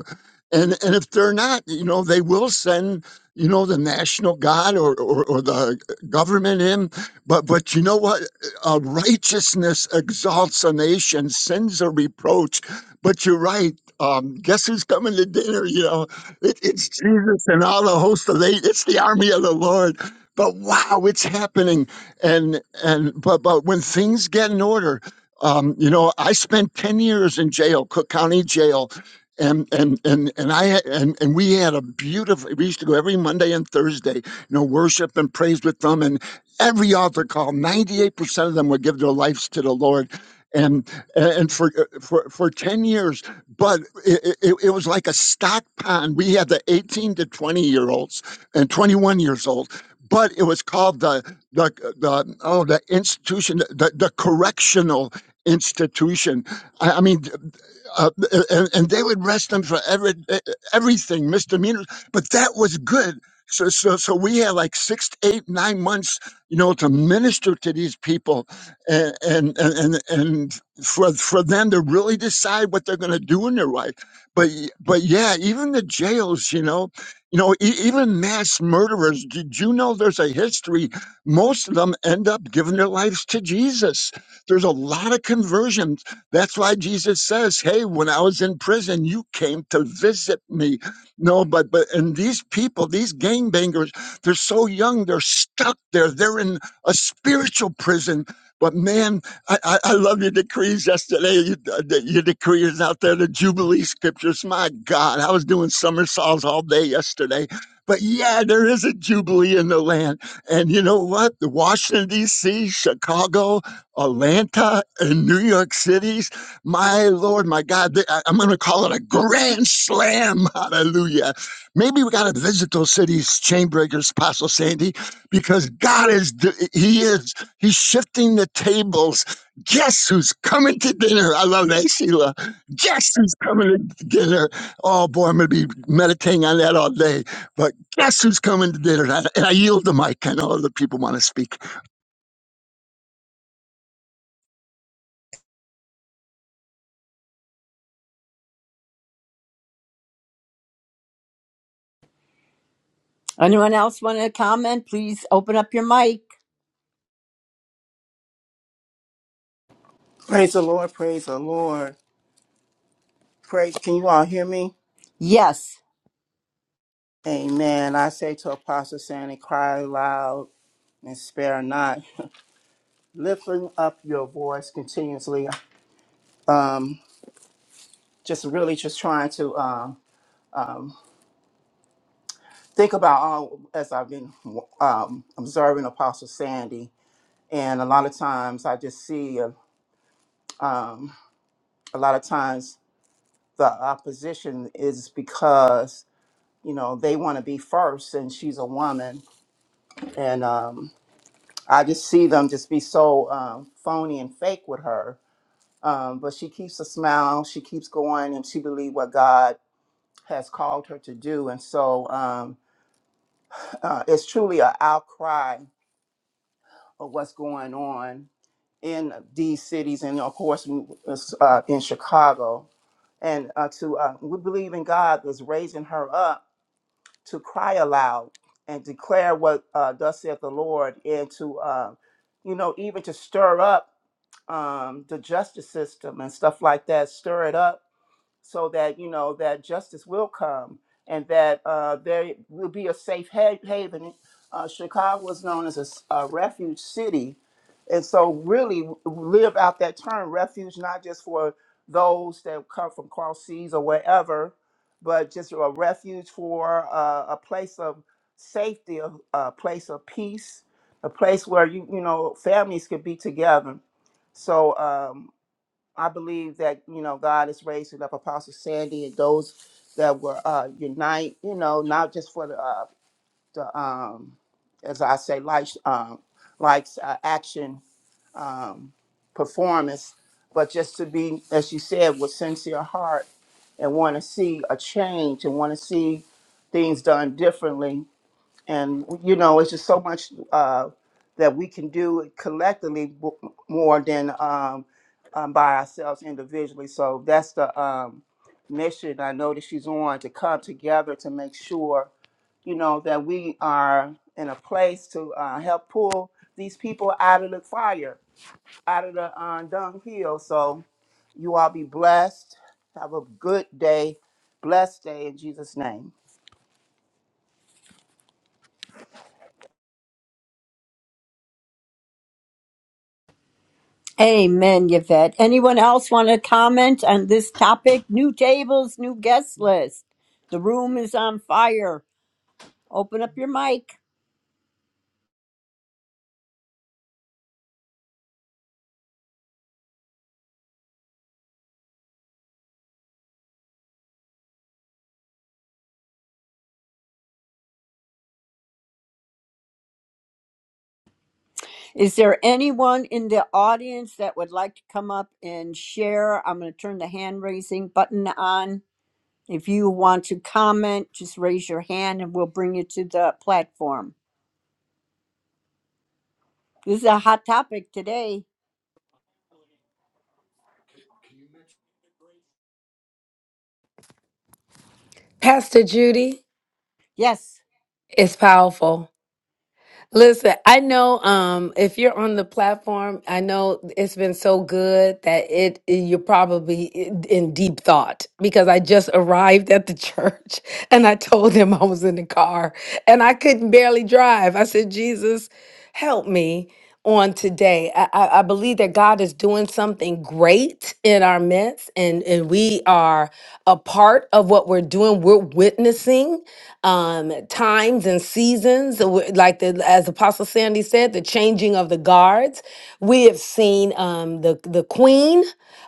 B: and and if they're not you know they will send you know the national guard or or, or the government in but but you know what uh, righteousness exalts a nation sins a reproach but you're right um, guess who's coming to dinner you know it, it's jesus and all the host of the it's the army of the lord but wow it's happening and and but but when things get in order um you know i spent 10 years in jail cook county jail and and and and i had, and and we had a beautiful we used to go every monday and thursday you know worship and praise with them and every altar call 98% of them would give their lives to the lord and and for for for 10 years but it, it, it was like a stock pond we had the 18 to 20 year olds and 21 years old but it was called the the the oh the institution the, the correctional institution i, I mean uh, and, and they would arrest them for every, everything, misdemeanors. But that was good. So, so, so we had like six, eight, nine months, you know, to minister to these people, and and and and for for them to really decide what they're going to do in their life. But y- but yeah, even the jails, you know, you know, e- even mass murderers. Did you know there's a history? Most of them end up giving their lives to Jesus. There's a lot of conversion that's why Jesus says, Hey, when I was in prison, you came to visit me. No, but, but, and these people, these gangbangers, they're so young, they're stuck there. They're in a spiritual prison. But man, I, I, I love your decrees yesterday. You, uh, the- your decrees out there, the Jubilee scriptures. My God, I was doing somersaults all day yesterday. But yeah, there is a Jubilee in the land. And you know what? The Washington, D.C., Chicago, Atlanta and New York cities. My Lord, my God, th- I- I'm going to call it a grand slam. *laughs* Hallelujah. Maybe we got to visit those cities, Chainbreakers, Apostle Sandy, because God is, d- He is, He's shifting the tables. Guess who's coming to dinner? I love that, Sheila. Guess who's coming to dinner? Oh, boy, I'm going to be meditating on that all day. But guess who's coming to dinner? And I, and I yield the mic. I know other people want to speak.
D: Anyone else want to comment? Please open up your mic.
K: Praise the Lord, praise the Lord. Praise, can you all hear me?
D: Yes.
K: Amen. I say to Apostle Sandy, cry loud and spare not. *laughs* Lifting up your voice continuously. Um, just really just trying to um, um, think about all, as I've been um, observing Apostle Sandy. And a lot of times I just see, uh, um, a lot of times the opposition is because you know they want to be first and she's a woman and um, i just see them just be so um, phony and fake with her um, but she keeps a smile she keeps going and she believes what god has called her to do and so um, uh, it's truly an outcry of what's going on in these cities and of course in, uh, in chicago and uh, to uh, we believe in god that's raising her up to cry aloud and declare what uh, thus saith the Lord, and to uh, you know even to stir up um, the justice system and stuff like that, stir it up so that you know that justice will come and that uh, there will be a safe ha- haven. Uh, Chicago was known as a, s- a refuge city, and so really live out that term refuge, not just for those that come from cross seas or wherever, but just a refuge for uh, a place of safety, a, a place of peace, a place where you you know families could be together. So. Um, I believe that you know God is raising up Apostle Sandy and those that were uh, unite. You know, not just for the uh, the um, as I say, like um, like uh, action um, performance, but just to be, as you said, with sincere heart and want to see a change and want to see things done differently and you know it's just so much uh, that we can do collectively w- more than um, um, by ourselves individually so that's the um, mission i know that she's on to come together to make sure you know that we are in a place to uh, help pull these people out of the fire out of the uh, dunghill so you all be blessed have a good day blessed day in jesus name
D: Amen, Yvette. Anyone else want to comment on this topic? New tables, new guest list. The room is on fire. Open up your mic. Is there anyone in the audience that would like to come up and share? I'm going to turn the hand raising button on. If you want to comment, just raise your hand and we'll bring you to the platform. This is a hot topic today.
H: Pastor Judy,
D: Yes.
H: it's powerful. Listen, I know um if you're on the platform, I know it's been so good that it you're probably in in deep thought because I just arrived at the *laughs* church and I told them I was in the car and I couldn't barely drive. I said, "Jesus, help me." on today. I, I, I believe that God is doing something great in our midst, and, and we are a part of what we're doing. We're witnessing um, times and seasons, uh, w- like the, as Apostle Sandy said, the changing of the guards. We have seen um, the the Queen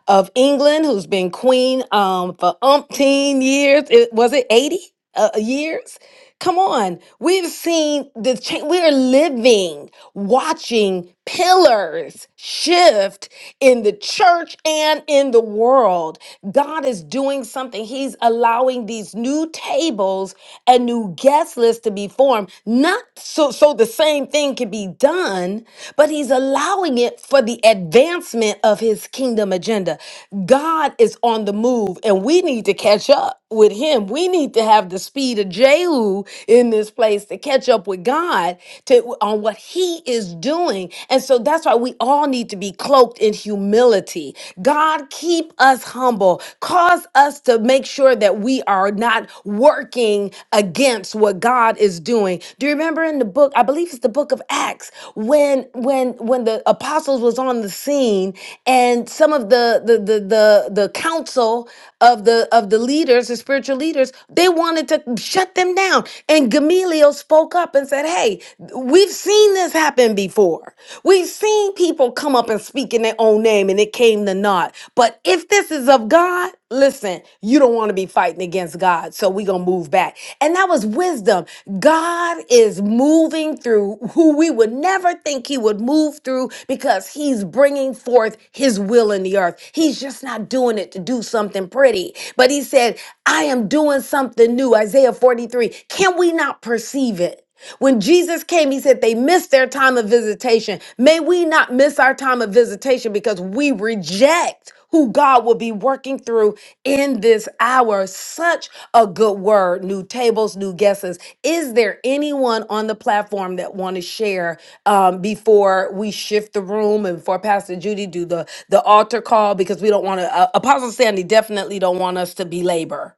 H: of England, who's been Queen um, for umpteen years. It, was it eighty? Uh, years Come on. We've seen the change. We are living, watching pillars shift in the church and in the world. God is doing something. He's allowing these new tables and new guest lists to be formed, not so, so the same thing can be done, but He's allowing it for the advancement of His kingdom agenda. God is on the move, and we need need to catch up with him. We need to have the speed of Jehu in this place to catch up with God to on what he is doing. And so that's why we all need to be cloaked in humility. God keep us humble. Cause us to make sure that we are not working against what God is doing. Do you remember in the book, I believe it's the book of Acts, when when when the apostles was on the scene and some of the the the the, the council of the of the leaders the spiritual leaders they wanted to shut them down and gamaliel spoke up and said hey we've seen this happen before we've seen people come up and speak in their own name and it came to naught but if this is of god listen you don't want to be fighting against god so we're gonna move back and that was wisdom god is moving through who we would never never think he would move through because he's bringing forth his will in the earth. He's just not doing it to do something pretty. But he said, I am doing something new. Isaiah 43. Can we not perceive it? When Jesus came, he said they missed their time of visitation. May we not miss our time of visitation because we reject who God will be working through in this hour. Such a good word. New tables, new guesses. Is there anyone on the platform that want to share? um, before we shift the room and before Pastor Judy do the the altar call because we don't want to. Uh, Apostle Sandy definitely don't want us to belabor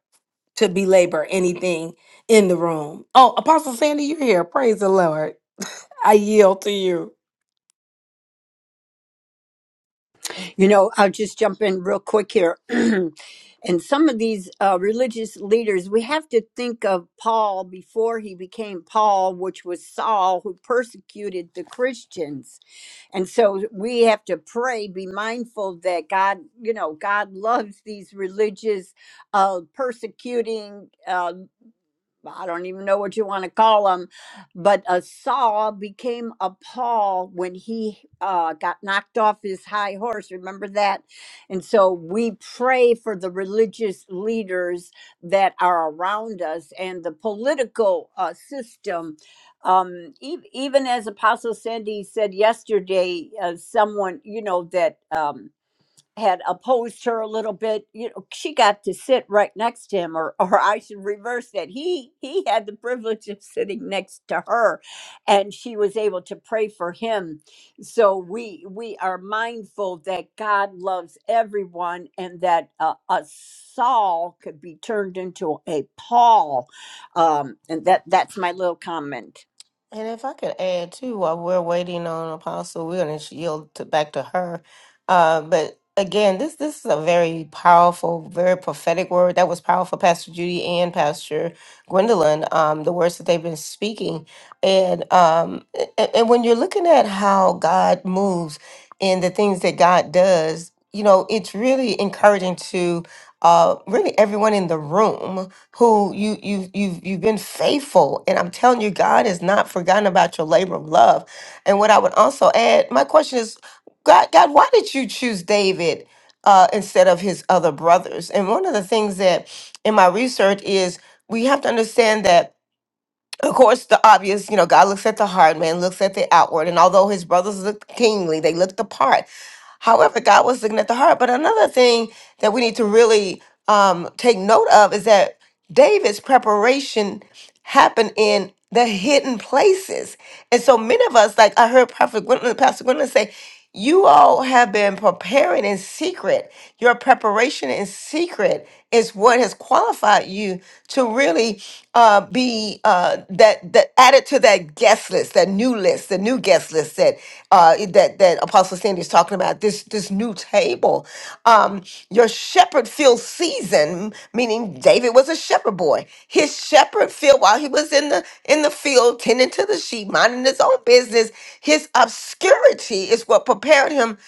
H: to belabor anything in the room. Oh, Apostle Sandy, you're here. Praise the Lord. I yield to you.
D: You know, I'll just jump in real quick here. *clears throat* and some of these uh, religious leaders, we have to think of Paul before he became Paul, which was Saul, who persecuted the Christians. And so we have to pray, be mindful that God, you know, God loves these religious, uh, persecuting. uh, I don't even know what you want to call him, but uh, Saul became a Paul when he uh, got knocked off his high horse. Remember that? And so we pray for the religious leaders that are around us and the political uh, system. Um, e- even as Apostle Sandy said yesterday, uh, someone, you know, that. Um, had opposed her a little bit you know she got to sit right next to him or or I should reverse that he he had the privilege of sitting next to her and she was able to pray for him so we we are mindful that God loves everyone and that uh, a Saul could be turned into a Paul um and that that's my little comment
G: And if I could add too, while we're waiting on Apostle, we're going to yield to, back to her. Uh, but again, this this is a very powerful, very prophetic word that was powerful, Pastor Judy and Pastor Gwendolyn. Um, the words that they've been speaking, and um, and, and when you're looking at how God moves and the things that God does, you know, it's really encouraging to uh, really everyone in the room who you you you've you've been faithful, and I'm telling you, God has not forgotten about your labor of love. And what I would also add, my question is, God, God, why did you choose David uh, instead of his other brothers? And one of the things that in my research is we have to understand that of course, the obvious, you know, God looks at the heart, man looks at the outward. And although his brothers looked kingly, they looked the part. However, God was looking at the heart. But another thing that we need to really um, take note of is that David's preparation happened in the hidden places. And so many of us, like I heard Prophet Gwendolyn, Pastor Gwendolyn say, you all have been preparing in secret. Your preparation in secret is what has qualified you to really uh, be uh, that that added to that guest list, that new list, the new guest list that uh, that that Apostle Sandy is talking about. This this new table. Um, your shepherd field season, meaning David was a shepherd boy. His shepherd field while he was in the in the field tending to the sheep, minding his own business. His obscurity is what but prepared him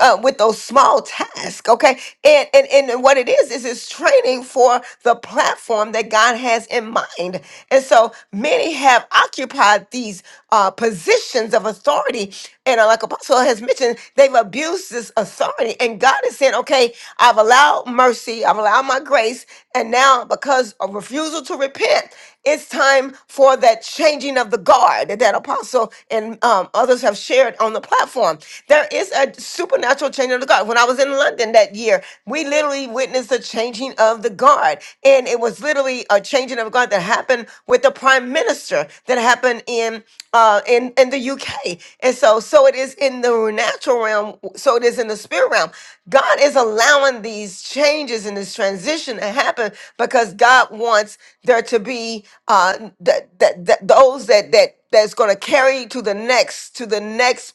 G: uh, with those small tasks. Okay, and and and what it is is it's training for the platform that God has in mind. And so many have occupied these uh, positions of authority, and uh, like Apostle has mentioned, they've abused this authority. And God is saying, okay, I've allowed mercy, I've allowed my grace, and now because of refusal to repent, it's time for that changing of the guard that Apostle and um, others have shared on the platform. There is a supernatural changing of the guard. When I was in London that year, we literally witnessed a changing of the guard. And it was literally a changing of guard that happened with the prime minister that happened in uh in, in the UK. And so so it is in the natural realm, so it is in the spirit realm. God is allowing these changes and this transition to happen because God wants there to be uh that that those that that that's going to carry to the next to the next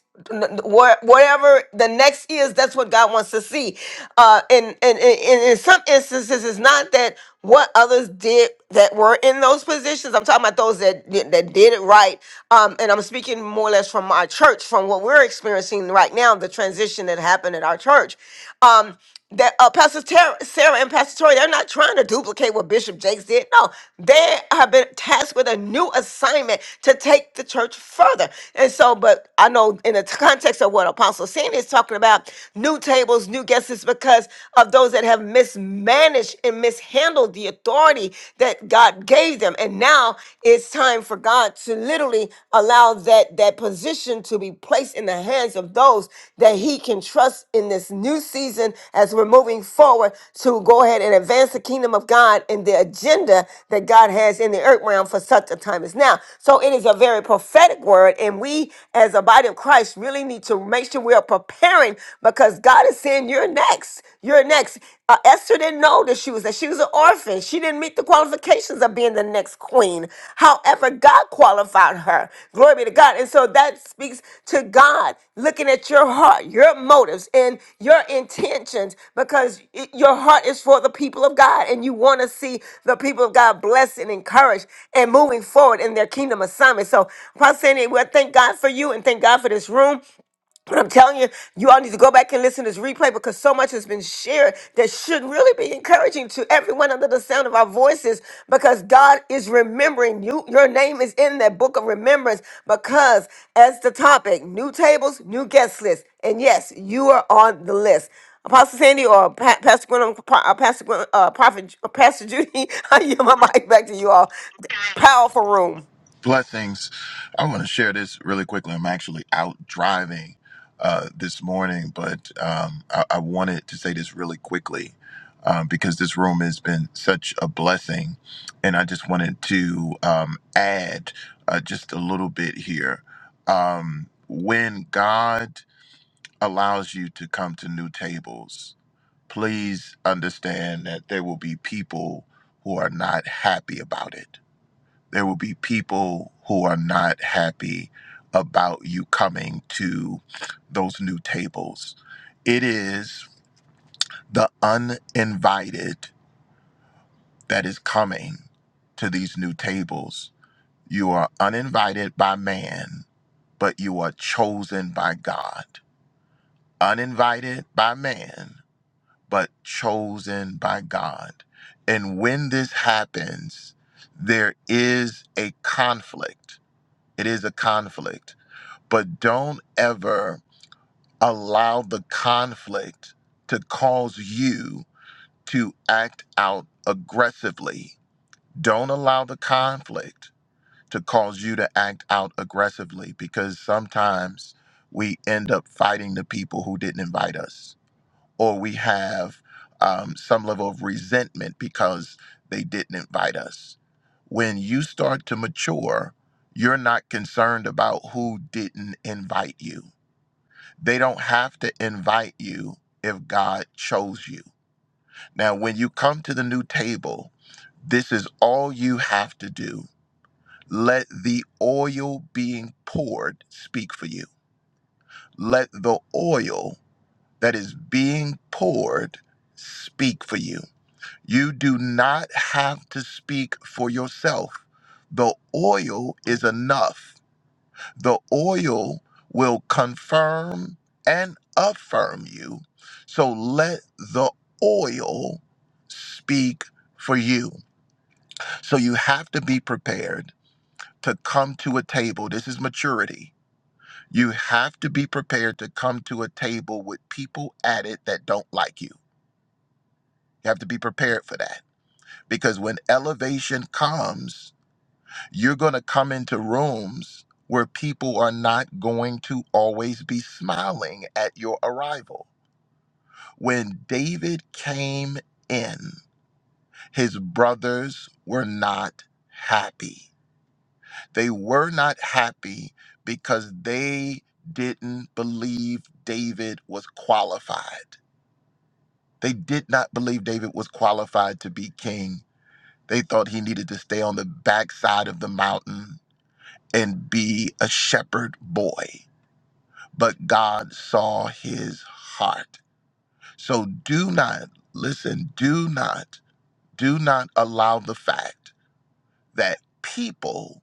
G: wha- whatever the next is that's what god wants to see uh and and, and and in some instances it's not that what others did that were in those positions i'm talking about those that did- that did it right um and i'm speaking more or less from my church from what we're experiencing right now the transition that happened at our church um that uh, Pastor Tara, Sarah and Pastor Tori, they're not trying to duplicate what Bishop Jakes did. No, they have been tasked with a new assignment to take the church further. And so, but I know in the context of what Apostle Sandy is talking about, new tables, new guests, is because of those that have mismanaged and mishandled the authority that God gave them. And now it's time for God to literally allow allow that that position to be placed in the hands of those that he can trust in this new season as we're moving forward to go ahead and advance the kingdom of God and the agenda that God has in the earth realm for such a time as now. So it is a very prophetic word, and we as a body of Christ really need to make sure we are preparing because God is saying you're next. You're next. Uh, Esther didn't know that she was next and she was an orphan. She didn't meet the qualifications of being the next queen. However, God qualified her. Glory be to God. And so that speaks to God looking at your heart, your motives, and your intentions because it- your heart is for the people of God and you want to see the people of God blessed and encouraged and moving forward in their kingdom assignment. So, Pastor Sandy, well, thank God for you and thank God for this room. But I'm telling you, you all need to go back and listen to this replay because so much has been shared that should really be encouraging to everyone under the sound of our voices because God is remembering you. Your name is in that book of remembrance because, as the topic, new tables, new guest list. And yes, you are on the list. Apostle Sandy or pa- Pastor Gwen, uh, Pastor Gwen, uh, Prophet, uh, Pastor Judy, *laughs* I yield my mic back to you all. Powerful
R: Blessings. I want to share this really quickly. I'm actually out driving uh, this morning, but um, I-, I wanted to say this really quickly um, because this room has been such a blessing. And I just wanted to um, add uh, just a little bit here. Um, when God allows you to come to new tables, please understand that there will be people who are not happy about it there will be people who are not happy about you coming to those new tables. It is the uninvited that is coming to these new tables. You are uninvited by man, but you are chosen by God. Uninvited by man, but chosen by God. And when this happens, there is a conflict. It is a conflict but don't ever allow the conflict to cause you to act out aggressively. Don't allow the conflict to cause you to act out aggressively because sometimes we end up fighting the people who didn't invite us, or we have um, some level of resentment because they didn't invite us. When you start to mature, you're not concerned about who didn't invite you they don't have to invite you if God chose you. Now, when you come to the new table, this is all you have to do. Let the oil being poured speak for you. Let the oil that is being poured speak for you. You do not have to speak for yourself. The oil is enough the oil will confirm and affirm you. So let the oil speak for you. So you have to be prepared to come to a table. This is maturity. You have to be prepared to come to a table with people at it that don't like you. You have to be prepared for that because when elevation comes, You're going to come into rooms where people are not going to always be smiling at your arrival. When David came in, his brothers were not happy. They were not happy because they didn't believe David was qualified. They did not believe David was qualified to be king. They thought he needed to stay on the backside of the mountain and be a shepherd boy. but God saw his heart. So do not, listen, do not, do not allow the fact that people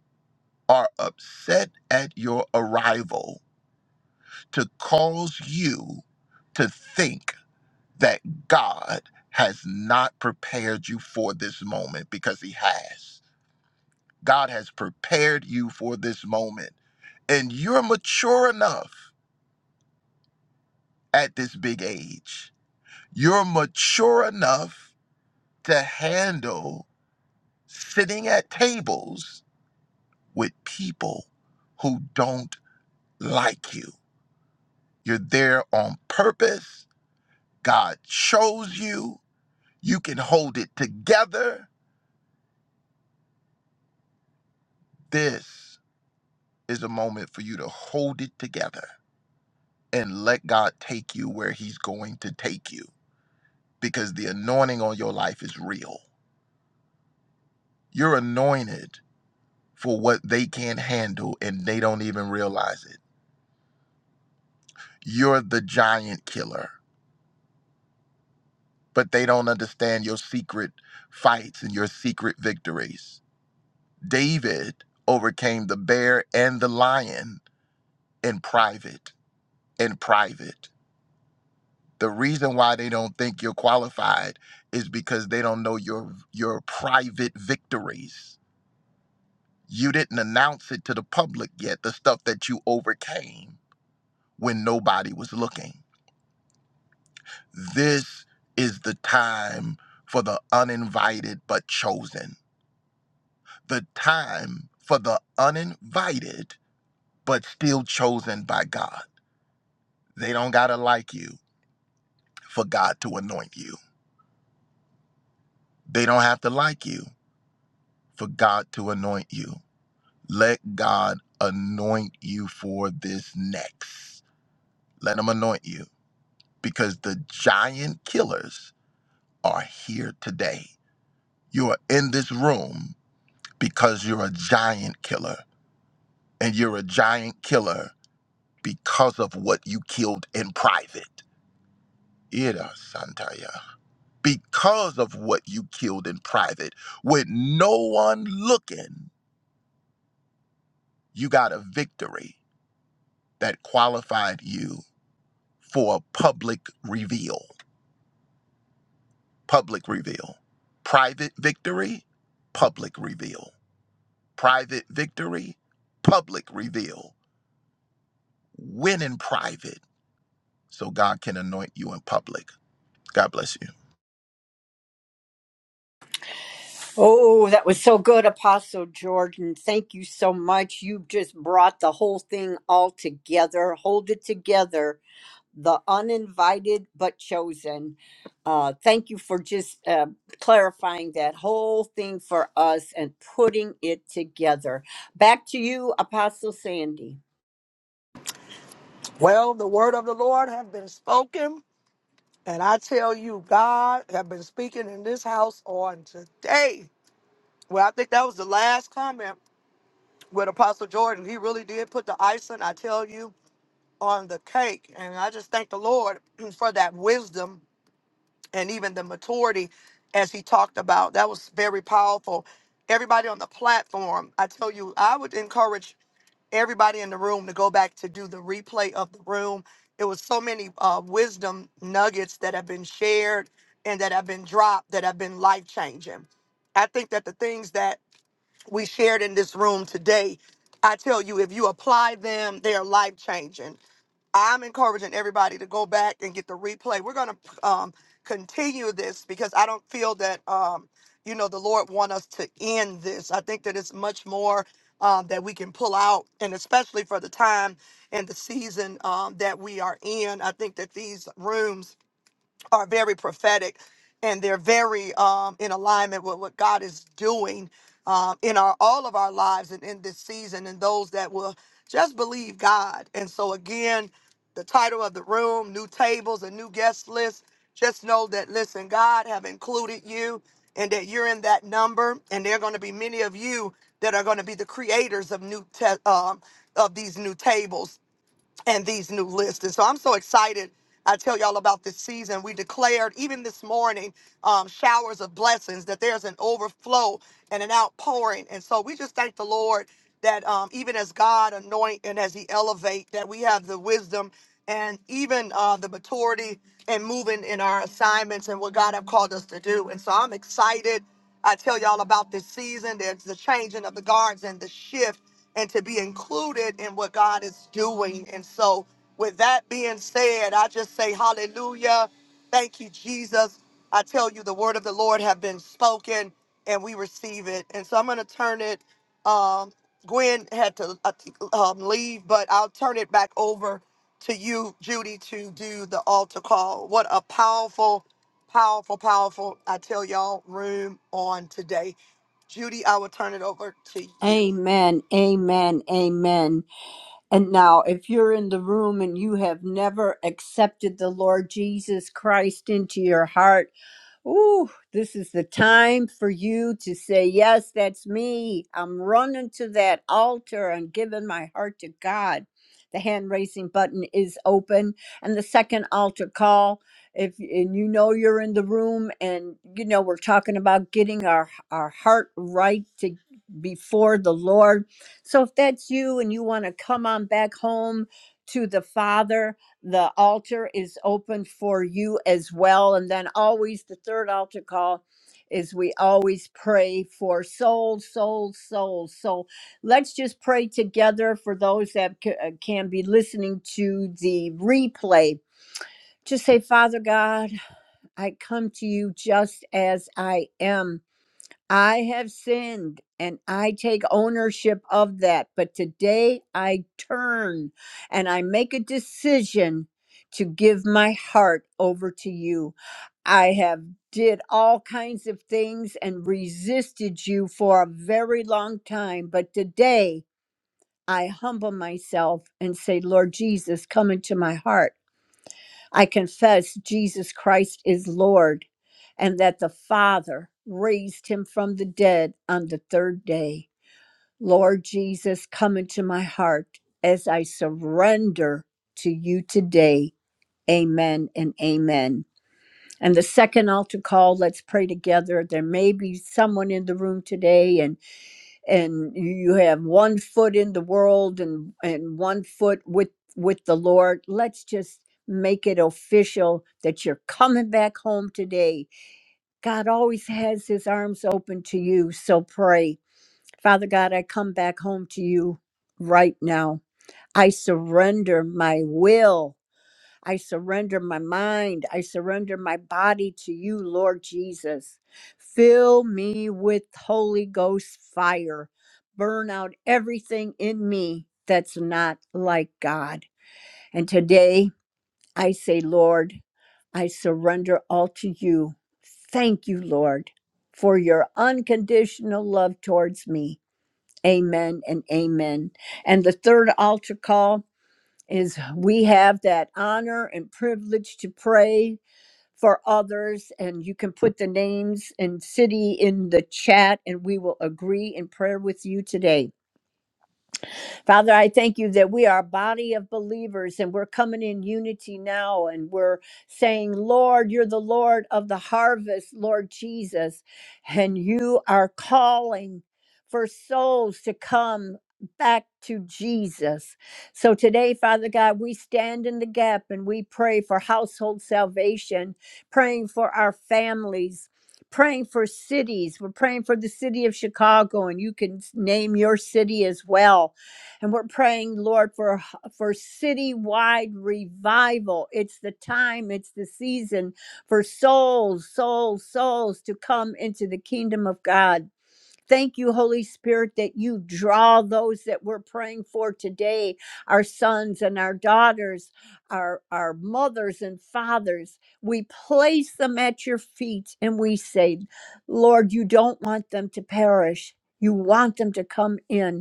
R: are upset at your arrival to cause you to think that God has not prepared you for this moment because he has. God has prepared you for this moment and you're mature enough at this big age. You're mature enough to handle sitting at tables with people who don't like you. You're there on purpose. God chose you. You can hold it together. This is a moment for you to hold it together and let God take you where He's going to take you because the anointing on your life is real. You're anointed for what they can't handle and they don't even realize it. You're the giant killer but they don't understand your secret fights and your secret victories. David overcame the bear and the lion in private. In private. The reason why they don't think you're qualified is because they don't know your your private victories. You didn't announce it to the public yet, the stuff that you overcame when nobody was looking. This is the time for the uninvited but chosen the time for the uninvited, but still chosen by God. They don't got to like you for God to anoint you. They don't have to like you for God to anoint you. Let God anoint you for this next. Let Him anoint you because the giant killers are here today. You are in this room because you're a giant killer, and you're a giant killer because of what you killed in private. Ida Santaya. Because of what you killed in private, with no one looking, you got a victory that qualified you for a public reveal. Public reveal. Private victory, public reveal. Private victory, public reveal. Win in private so God can anoint you in public. God bless you.
D: Oh, that was so good, Apostle Jordan. Thank you so much. You just brought the whole thing all together. Hold it together. The uninvited but chosen. Uh, thank you for just uh, clarifying that whole thing for us and putting it together. Back to you, Apostle Sandy.
A: Well, the word of the Lord have been spoken, and I tell you, God have been speaking in this house on today. Well, I think that was the last comment with Apostle Jordan. He really did put the icing, I tell you, on the cake, and I just thank the Lord *clears throat* for that wisdom and even the maturity as he talked about that was very powerful everybody on the platform i tell you i would encourage everybody in the room to go back to do the replay of the room it was so many uh, wisdom nuggets that have been shared and that have been dropped that have been life changing i think that the things that we shared in this room today, I tell you, if you apply them, they are life changing. I'm encouraging everybody to go back and get the replay. We're going to um, continue this because I don't feel that, um, you know, the Lord want us to end this. I think that it's much more um, that we can pull out, and especially for the time and the season um, that we are in. I think that these rooms are very prophetic and they're very um, in alignment with what God is doing um, in our all of our lives and in this season and those that will just believe God. And so again, the title of the room, new tables, and new guest list. Just know that listen, God have included you and that you're in that number and there are going to be many of you that are going to be the creators of new te- um, of these new tables and these new lists. And so I'm so excited. I tell y'all about this season. We declared even this morning um, showers of blessings that there's an overflow and an outpouring. And so we just thank the Lord that um, even as God anoint and as He elevate, that we have the wisdom and even uh, the maturity and moving in our assignments and what God have called us to do. And so I'm excited. I tell y'all about this season. There's the changing of the guards and the shift and to be included in what God is doing. And so, with that being said, I just say hallelujah. Thank you, Jesus. I tell you, the word of the Lord have been spoken and we receive it. And so I'm going to turn it. Um, Gwen had to uh, t- um, leave, but I'll turn it back over to you, Judy, to do the altar call. What a powerful, powerful, powerful, I tell y'all, room on today. Judy, I will turn it over to you.
D: Amen, amen, amen. And now, if you're in the room and you have never accepted the Lord Jesus Christ into your heart, Ooh, this is the time for you to say, Yes, that's me. I'm running to that altar and giving my heart to God. The hand raising button is open. And the second altar call, if and you know you're in the room and you know we're talking about getting our, our heart right to before the Lord. So if that's you and you want to come on back home to the Father, the altar is open for you as well. And then always the third altar call is we always pray for souls, souls, souls. So let's just pray together for those that c- uh, can be listening to the replay. Just say, Father God, I come to you just as I am. I have sinned and I take ownership of that. But today I turn and I make a decision to give my heart over to you. I have did all kinds of things and resisted you for a very long time, but today I humble myself and say, Lord Jesus, come into my heart. I confess Jesus Christ is Lord, and that the Father raised him from the dead on the third day. Lord Jesus, come into my heart as I surrender to you today. Amen and amen. And the second altar call, let's pray together. There may be someone in the room today and and you have one foot in the world and and one foot with with the lord let's just make it official that you're coming back home today god always has his arms open to you so pray father god i come back home to you right now i surrender my will I surrender my mind. I surrender my body to you, Lord Jesus. Fill me with Holy Ghost fire. Burn out everything in me that's not like God. And today I say, Lord, I surrender all to you. Thank you, Lord, for your unconditional love towards me. Amen and amen. And the third altar call is we have that honor and privilege to pray for others and you can put the names and city in the chat and we will agree in prayer with you today Father, I thank you that we are a body of believers and we're coming in unity now and we're saying, Lord, you're the Lord of the harvest, Lord Jesus, and you are calling for souls to come back to Jesus. So today, Father God, we stand in the gap and we pray for household salvation, praying for our families. Praying for cities. We're praying for the city of Chicago, and you can s- name your city as well and we're praying, Lord, for for citywide revival. It's the time, it's the season for souls, souls, souls to come into the kingdom of God. Thank you, Holy Spirit, that you draw those that we're praying for today, our sons and our daughters, our, our mothers and fathers. We place them at your feet and we say, Lord, you don't want them to perish. You want them to come in.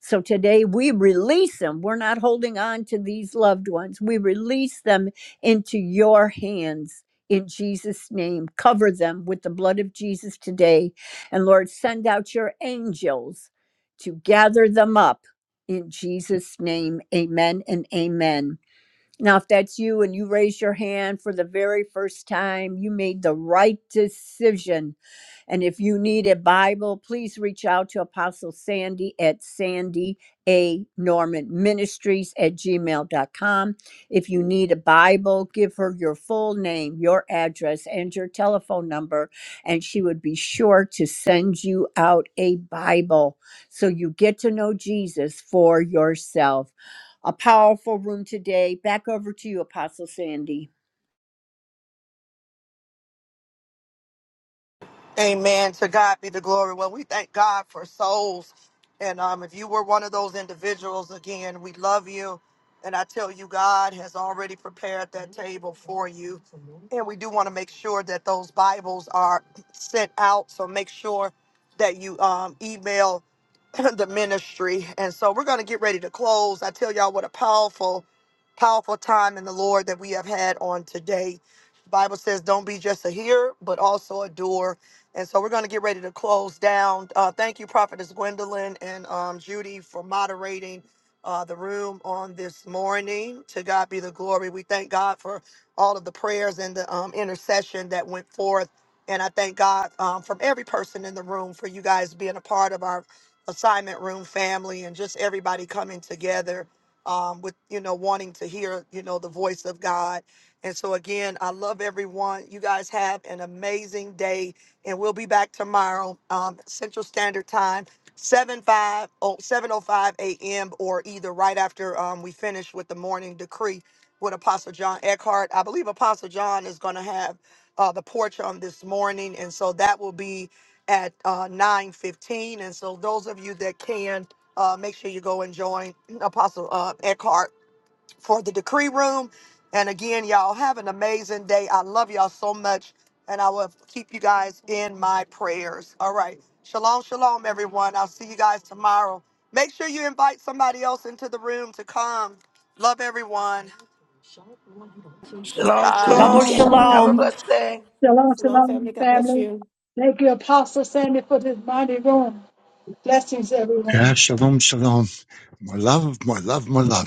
D: So today we release them. We're not holding on to these loved ones. We release them into your hands in Jesus' name. Cover them with the blood of Jesus today. And Lord, send out your angels to gather them up in Jesus' name. Amen and amen. Now, if that's you and you raise your hand for the very first time, you made the right decision and if you need a Bible, please reach out to Apostle Sandy at Sandy A. Norman Ministries at gmail dot com. If you need a Bible, give her your full name, your address, and your telephone number, and she would be sure to send you out a Bible so you get to know Jesus for yourself. A powerful room today. Back over to you, Apostle Sandy.
A: Amen. To God be the glory. Well, we thank God for souls. And um, if you were one of those individuals, again, we love you. And I tell you, God has already prepared that table for you. And we do want to make sure that those Bibles are *clears throat* sent out. So make sure that you um, email. *laughs* *clears throat* the ministry. And so we're going to get ready to close. I tell y'all what a powerful, powerful time in the Lord that we have had on today. The Bible says, don't be just a hearer, but also a doer. And so we're going to get ready to close down. Uh, thank you, Prophetess Gwendolyn and um, Judy, for moderating uh, the room on this morning. To God be the glory. We thank God for all of the prayers and the um, intercession that went forth. And I thank God um, from every person in the room for you guys being a part of our assignment room family and just everybody coming together um, with you know wanting to hear you know the voice of god and so again i love everyone you guys have an amazing day and we'll be back tomorrow um, central standard time 7 5 oh seven oh five a.m or either right after um, we finish with the morning decree with apostle john eckhart i believe apostle john is going to have uh, the porch on this morning and so that will be at uh, 9.15. And so those of you that can, uh, make sure you go and join Apostle uh, Eckhart for the Decree Room. And again, y'all have an amazing day. I love y'all so much. And I will keep you guys in my prayers. All right. Shalom, shalom, everyone. I'll see you guys tomorrow. Make sure you invite somebody else into the room to come. Love everyone.
L: Shalom,
A: Bye.
M: Shalom,
D: Double
C: Shalom,
L: shalom.
M: shalom.
L: Have a
D: shalom.
C: shalom.
L: blessed day.
P: Shalom,
G: room.
P: shalom, family. Thank you, Apostle Sandy, for this mighty room. Blessings, everyone.
B: Yeah, shalom, shalom. My love, my love, my love.